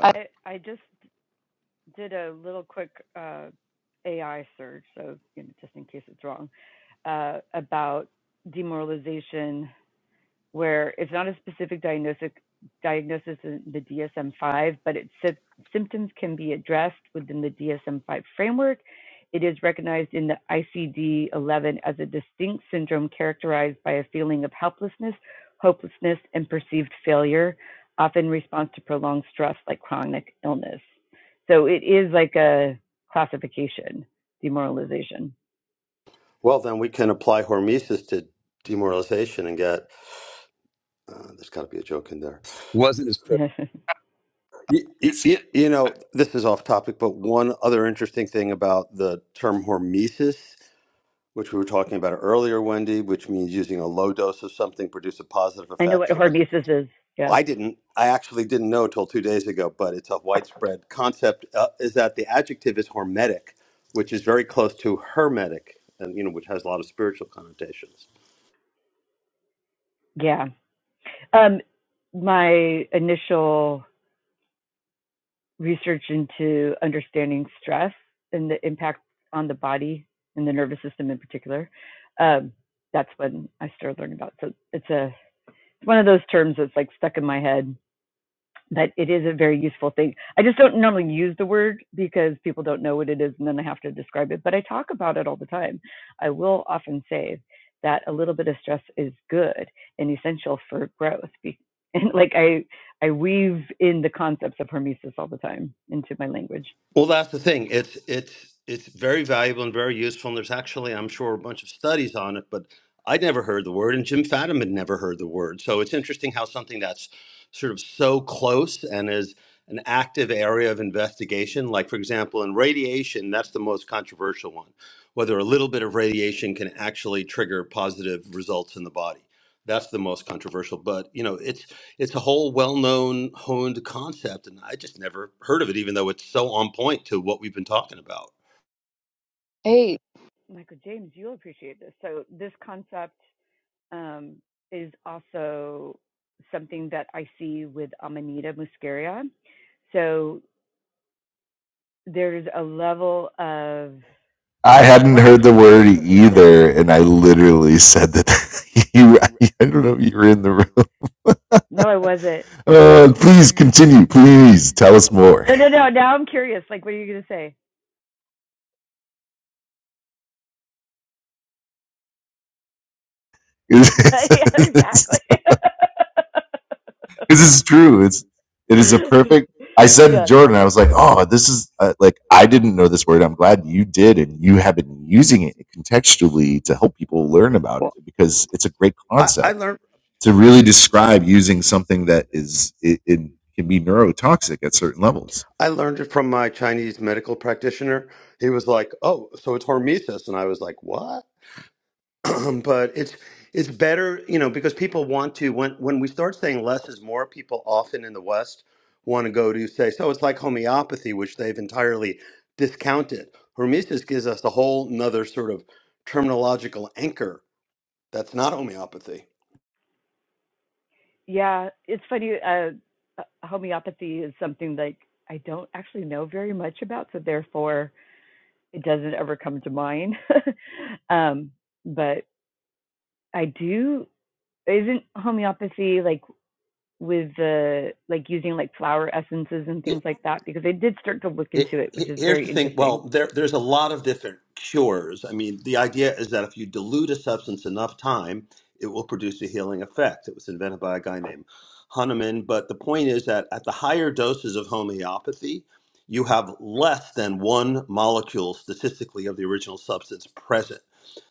S4: I I just did a little quick uh, AI search, so you know, just in case it's wrong, uh, about demoralization where it's not a specific diagnosis diagnosis in the DSM-5, but it says symptoms can be addressed within the DSM-5 framework. It is recognized in the ICD-11 as a distinct syndrome characterized by a feeling of helplessness, hopelessness, and perceived failure, often in response to prolonged stress like chronic illness. So it is like a classification, demoralization.
S3: Well, then we can apply hormesis to demoralization and get. Uh, there's got to be a joke in there.
S1: Wasn't as proficient.
S4: I
S3: You, you, you know, this is off topic, but one other interesting thing about the term hormesis, which we were talking about earlier, Wendy, which means using a low dose of something produce a positive
S4: know
S3: effect.
S4: what
S3: So that,
S4: hormesis is. Yeah.
S3: well, I didn't. I actually didn't know till two days ago, but it's a widespread concept. Uh, is that the adjective is hormetic, which is very close to hermetic, and you know, which has a lot of spiritual connotations.
S4: Yeah. Um, my initial research into understanding stress and the impact on the body and the nervous system in particular, um, that's when I started learning about. It. So it's a it's one of those terms that's like stuck in my head but it is a very useful thing. I just don't normally use the word because people don't know what it is and then I have to describe it, but I talk about it all the time. I will often say that a little bit of stress is good and essential for growth. And like I I weave in the concepts of hormesis all the time into my language.
S3: Well, that's the thing. It's it's it's very valuable and very useful. And there's actually, I'm sure, a bunch of studies on it. But I'd never heard the word, and Jim Fadham had never heard the word. So it's interesting how something that's sort of so close and is an active area of investigation, like for example, in radiation, that's the most controversial one. Whether a little bit of radiation can actually trigger positive results in the body. That's the most controversial. But you know, it's it's a whole well-known honed concept and i just never heard of it even though it's so on point to what we've been talking about
S4: Great. Michael James, you'll appreciate this. So this concept um, is also something that I see with Amanita muscaria. So there's a level of
S5: I hadn't
S4: well
S5: heard the
S4: actually it's
S5: word
S4: kind of a little bit
S5: either, and I literally said that you. I don't know if you were in the room.
S4: no i wasn't what
S5: Uh, please continue. Please tell us more.
S4: no no no now i'm curious like what are you going to say
S5: this
S4: yeah exactly
S5: is true. It's it is a perfect. I said to
S4: yeah
S5: Jordan, I was like, "Oh, this is uh, like I didn't know this word. I'm glad you did, and you have been using it contextually to help people learn about
S3: Well,
S5: it because."
S3: I, I learned I learned it from my Chinese medical practitioner. He was like, "Oh, so it's hormesis," and I was like, "What?" but it's it's better, you know, because people want to when when we start saying less is more, people often in the West want to go to say, "So it's like homeopathy," which they've entirely discounted. Hormesis gives us a whole nother sort of terminological anchor That's not homeopathy.
S4: yeah it's funny uh uh, homeopathy is something like i don't actually know very much about so therefore it doesn't ever come to mind um but i do isn't homeopathy like with the like using like flower essences and
S3: He-
S4: things like that because I did start to look
S3: he-
S4: into it, which
S3: he-
S4: is
S3: Here's the
S4: very
S3: thing. Well,
S4: interesting.
S3: there, there's a lot of different cures. I mean, the idea is that if you dilute a substance enough time, it will produce a healing effect. It was invented by a guy named Hahnemann. But the point is that at the higher doses of homeopathy, you have less than one molecule statistically of the original substance present.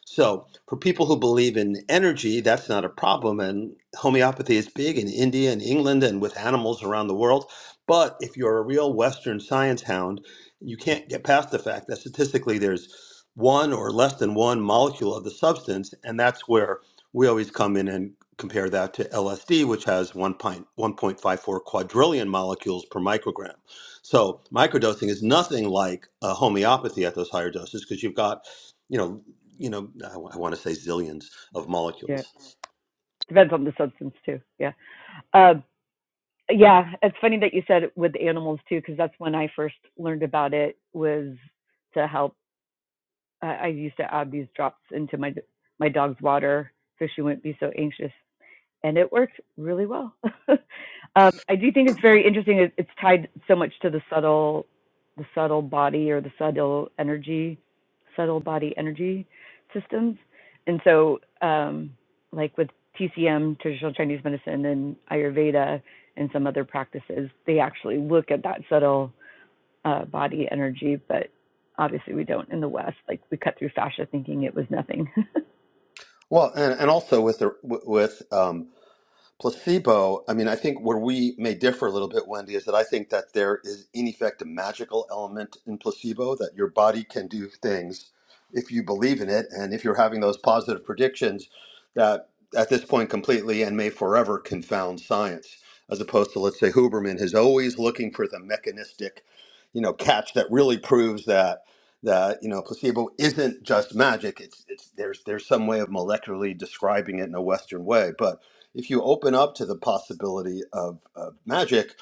S3: So, for people who believe in energy, that's not a problem. And homeopathy is big in India and England and with animals around the world But if you're a real Western science hound, you can't get past the fact that statistically there's one or less than one molecule of the substance, and that's where we always come in and compare that to LSD, which has one pint- 1.54 quadrillion molecules per microgram. So microdosing is nothing like uh, homeopathy at those higher doses because you've got, you know, you know, I, w- I want to say zillions of
S4: Yeah.
S3: molecules.
S4: Depends on the substance too. Yeah. Uh, yeah, it's funny that you said with the animals too, because that's when I first learned about it was to help. Uh, I used to add these drops into my my dog's water so she wouldn't be so anxious and it worked really well. um, I do think it's very interesting. It, it's tied so much to the subtle, the subtle body or the subtle energy, subtle body energy systems, and so um, like with TCM, traditional Chinese medicine, and Ayurveda, and some other practices, they actually look at that subtle uh, body energy, but obviously we don't in the West. Like we cut through fascia thinking it was nothing.
S3: Well, and, and also with the with um, placebo i mean i think where we may differ a little bit wendy is that i think that there is in effect a magical element in placebo that your body can do things if you believe in it and if you're having those positive predictions that at this point completely and may forever confound science as opposed to let's say huberman is always looking for the mechanistic you know catch that really proves that that you know placebo isn't just magic it's it's there's there's some way of molecularly describing it in a western way but if you open up to the possibility of, of magic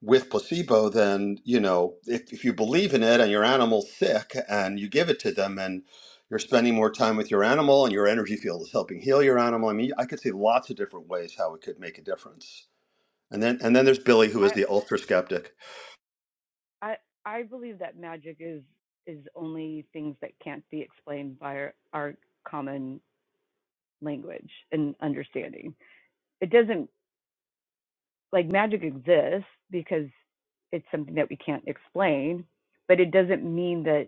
S3: with placebo, then you know if, if you believe in it and your animal's sick and you give it to them and you're spending more time with your animal and your energy field is helping heal your animal. I mean, I could see lots of different ways how it could make a difference. And then and then there's Billy, who is
S4: I,
S3: the ultra skeptic.
S4: I I believe that magic is is only things that can't be explained by our, our common language and understanding. It doesn't like magic exists because it's something that we can't explain, but it doesn't mean that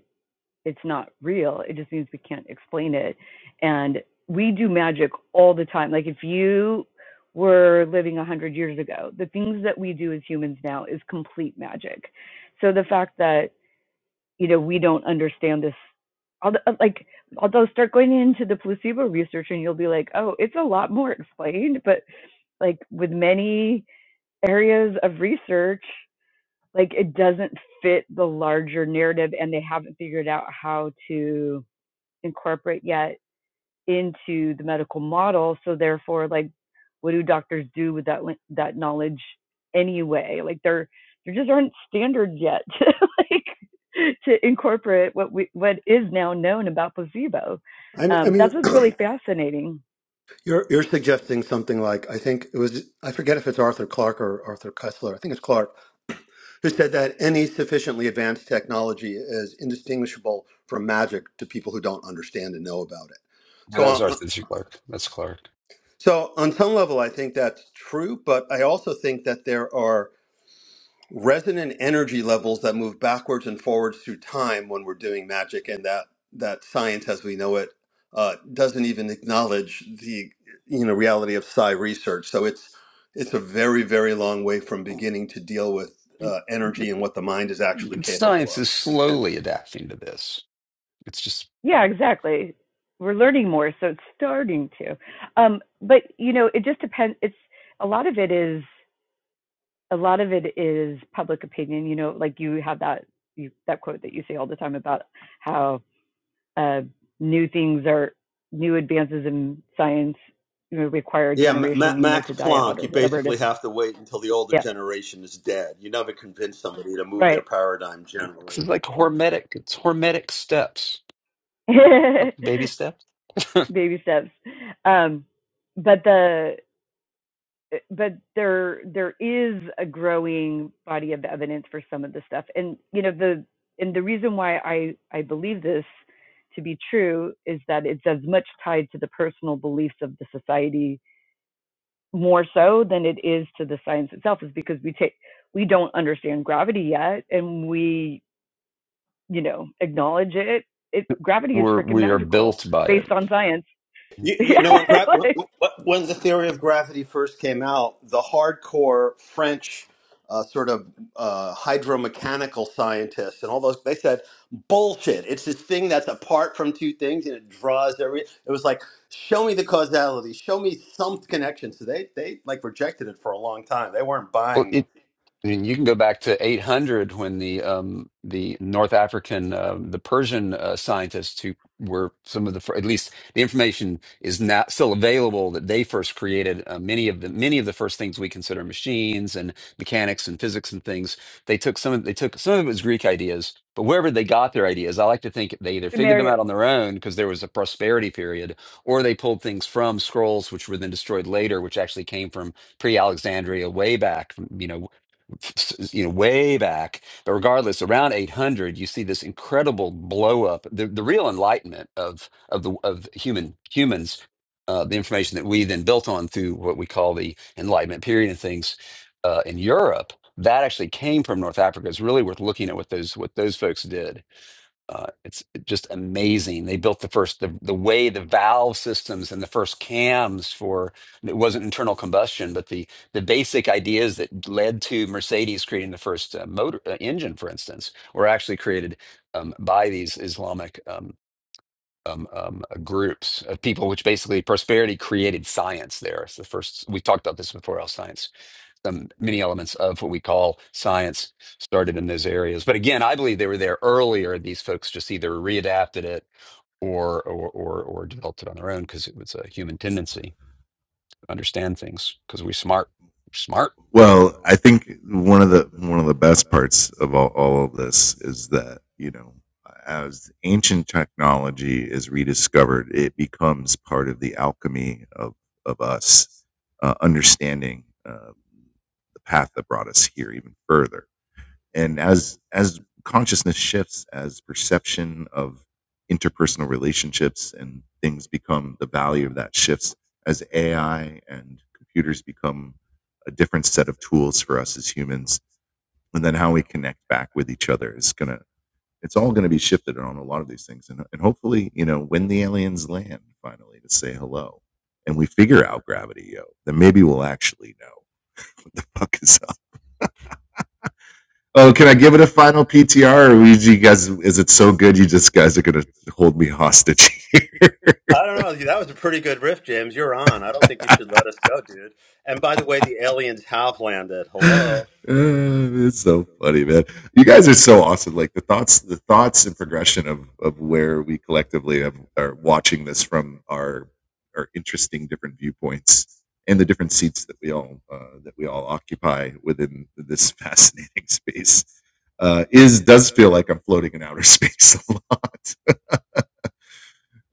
S4: it's not real. It just means we can't explain it. And we do magic all the time. Like if you were living 100 years ago, the things that we do as humans now is complete magic. So the fact that you know, we don't understand this. Although, like, although start going into the placebo research and you'll be like, oh, it's a lot more explained. But like with many areas of research, like it doesn't fit the larger narrative and they haven't figured out how to incorporate yet into the medical model. So therefore, like, what do doctors do with that that knowledge anyway? Like, there there just aren't standards yet, to, like, to incorporate what we what is now known about placebo.
S3: I mean, I
S4: Um,
S3: mean
S4: that's what's really fascinating.
S3: you're you're suggesting something like I think it was I forget if it's Arthur Clark or Arthur Kessler. I think it's Clark who said that any sufficiently advanced technology is indistinguishable from magic to people who don't understand and know about it.
S1: No,
S3: So,
S1: that was
S3: on,
S1: Arthur C. Clarke. That's Clark.
S3: so on some level, I think that's true, but I also think that there are resonant energy levels that move backwards and forwards through time when we're doing magic, and that that science as we know it uh, doesn't even acknowledge the you know reality of psi research. So it's it's a very very long way from beginning to deal with uh, energy and what the mind is actually capable
S1: Science
S3: of.
S1: is
S3: And hence,
S1: slowly adapting to this. It's just
S4: Yeah, exactly. We're learning more, so it's starting to. Um, but you know, it just depends. It's a lot of it is a lot of it is public opinion. You know, like you have that you, that quote that you say all the time about how uh, new things are new advances in science you know, require a
S3: yeah, M- Ma-
S4: generation you know
S3: Max
S4: to die out
S3: Planck.
S4: or
S3: You
S4: whatever it is
S3: basically have to wait until the older
S4: yeah
S3: generation is dead. You never convince somebody to move their
S4: right
S3: paradigm generally.
S1: It's like hormetic. It's hormetic steps, like baby steps.
S4: baby steps um but the but there there is a growing body of evidence for some of this stuff and you know the and the reason why i i believe this to be true is that it's as much tied to the personal beliefs of the society more so than it is to the science itself is because we take we don't understand gravity yet and we you know acknowledge it it gravity is
S1: We're
S4: freaking
S1: we are
S4: magical
S1: built by
S4: based
S1: it.
S4: on science
S3: You, you
S4: yeah
S3: know, when, gra- when,
S4: like
S3: when when the theory of gravity first came out, the hardcore French uh, sort of uh, hydromechanical scientists and all those, they said, bullshit. It's this thing that's apart from two things and it draws every. It was like, show me the causality, show me some connection. So they, they like rejected it for a long time. They weren't
S1: Well,
S3: buying.
S1: it I mean, you can go back to 800 when the um, the North African, um, the Persian uh, scientists who were some of the fir- at least the information is not still available that they first created uh, many of the many of the first things we consider machines and mechanics and physics and things. They took some of they took some of it was Greek ideas, but wherever they got their ideas, I like to think they either figured them
S4: scenario
S1: out on their own because there was a prosperity period, or they pulled things from scrolls which were then destroyed later, which actually came from pre-Alexandria way back, you know, you know way back but regardless around 800 you see this incredible blow up the, the real enlightenment of of the of human humans uh, the information that we then built on through what we call the enlightenment period and things uh, in europe that actually came from north africa it's really worth looking at what those what those folks did uh, it's just amazing. They built the first the, the way the valve systems and the first cams for it wasn't internal combustion, but the the basic ideas that led to Mercedes creating the first uh, motor uh, engine, for instance, were actually created um, by these Islamic um, um, um, uh, groups of people, which basically prosperity created science. There, it's the first we talked about this before. Al science um, many elements of what we call science started in those areas. But again, I believe they were there earlier. These folks just either readapted it or or or, or developed it on their own because it was a human tendency to understand things because we smart. We're smart
S5: Well, I think one of the one of the best parts of all, all of this is that you know I was
S3: I don't know. That was a pretty good riff, James. You're on. I don't think you should let us go, dude. And by the way, the aliens have landed. Hello.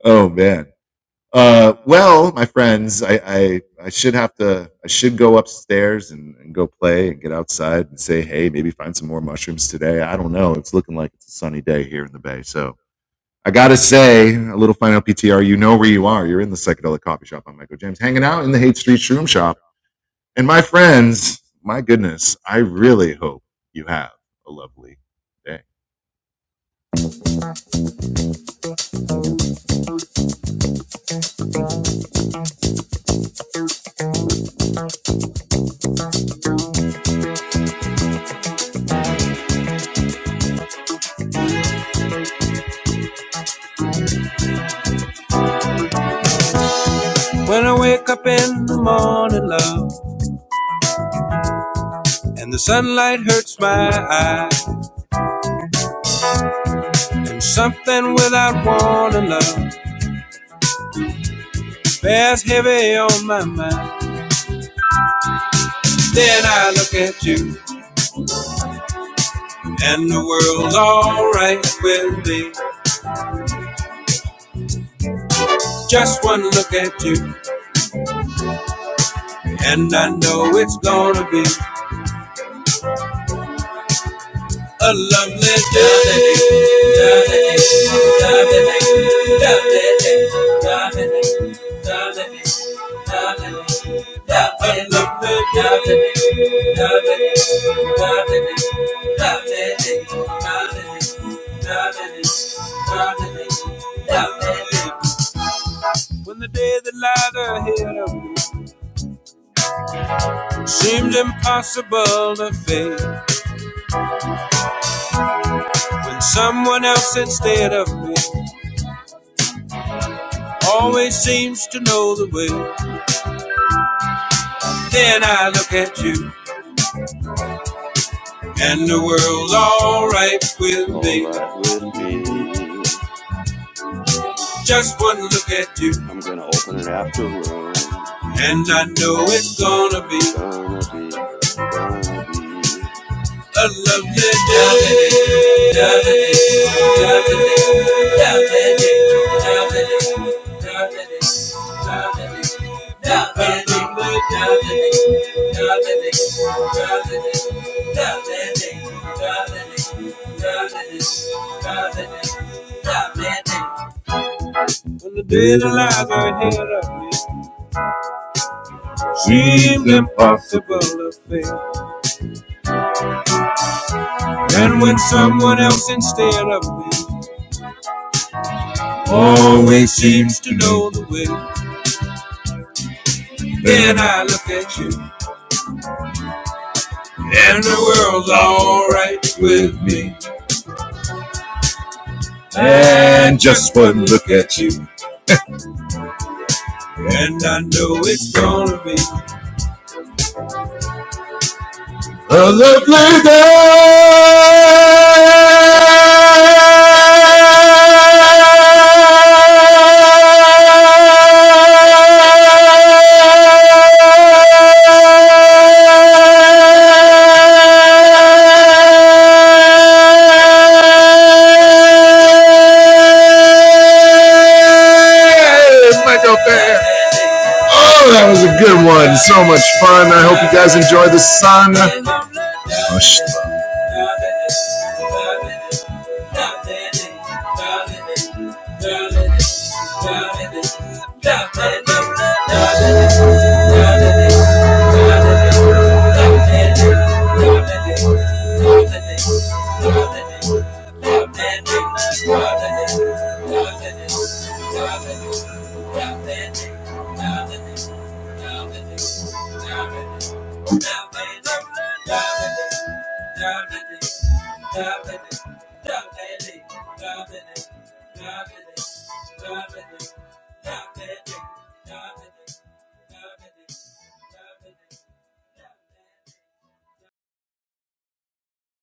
S5: Oh man. Uh, oh, I should have.
S3: All right with me. I'm gonna open an after room. Gonna be, gonna be.
S5: Michael Bay. Oh, that was a good one. So much fun. I hope you guys enjoy the sun.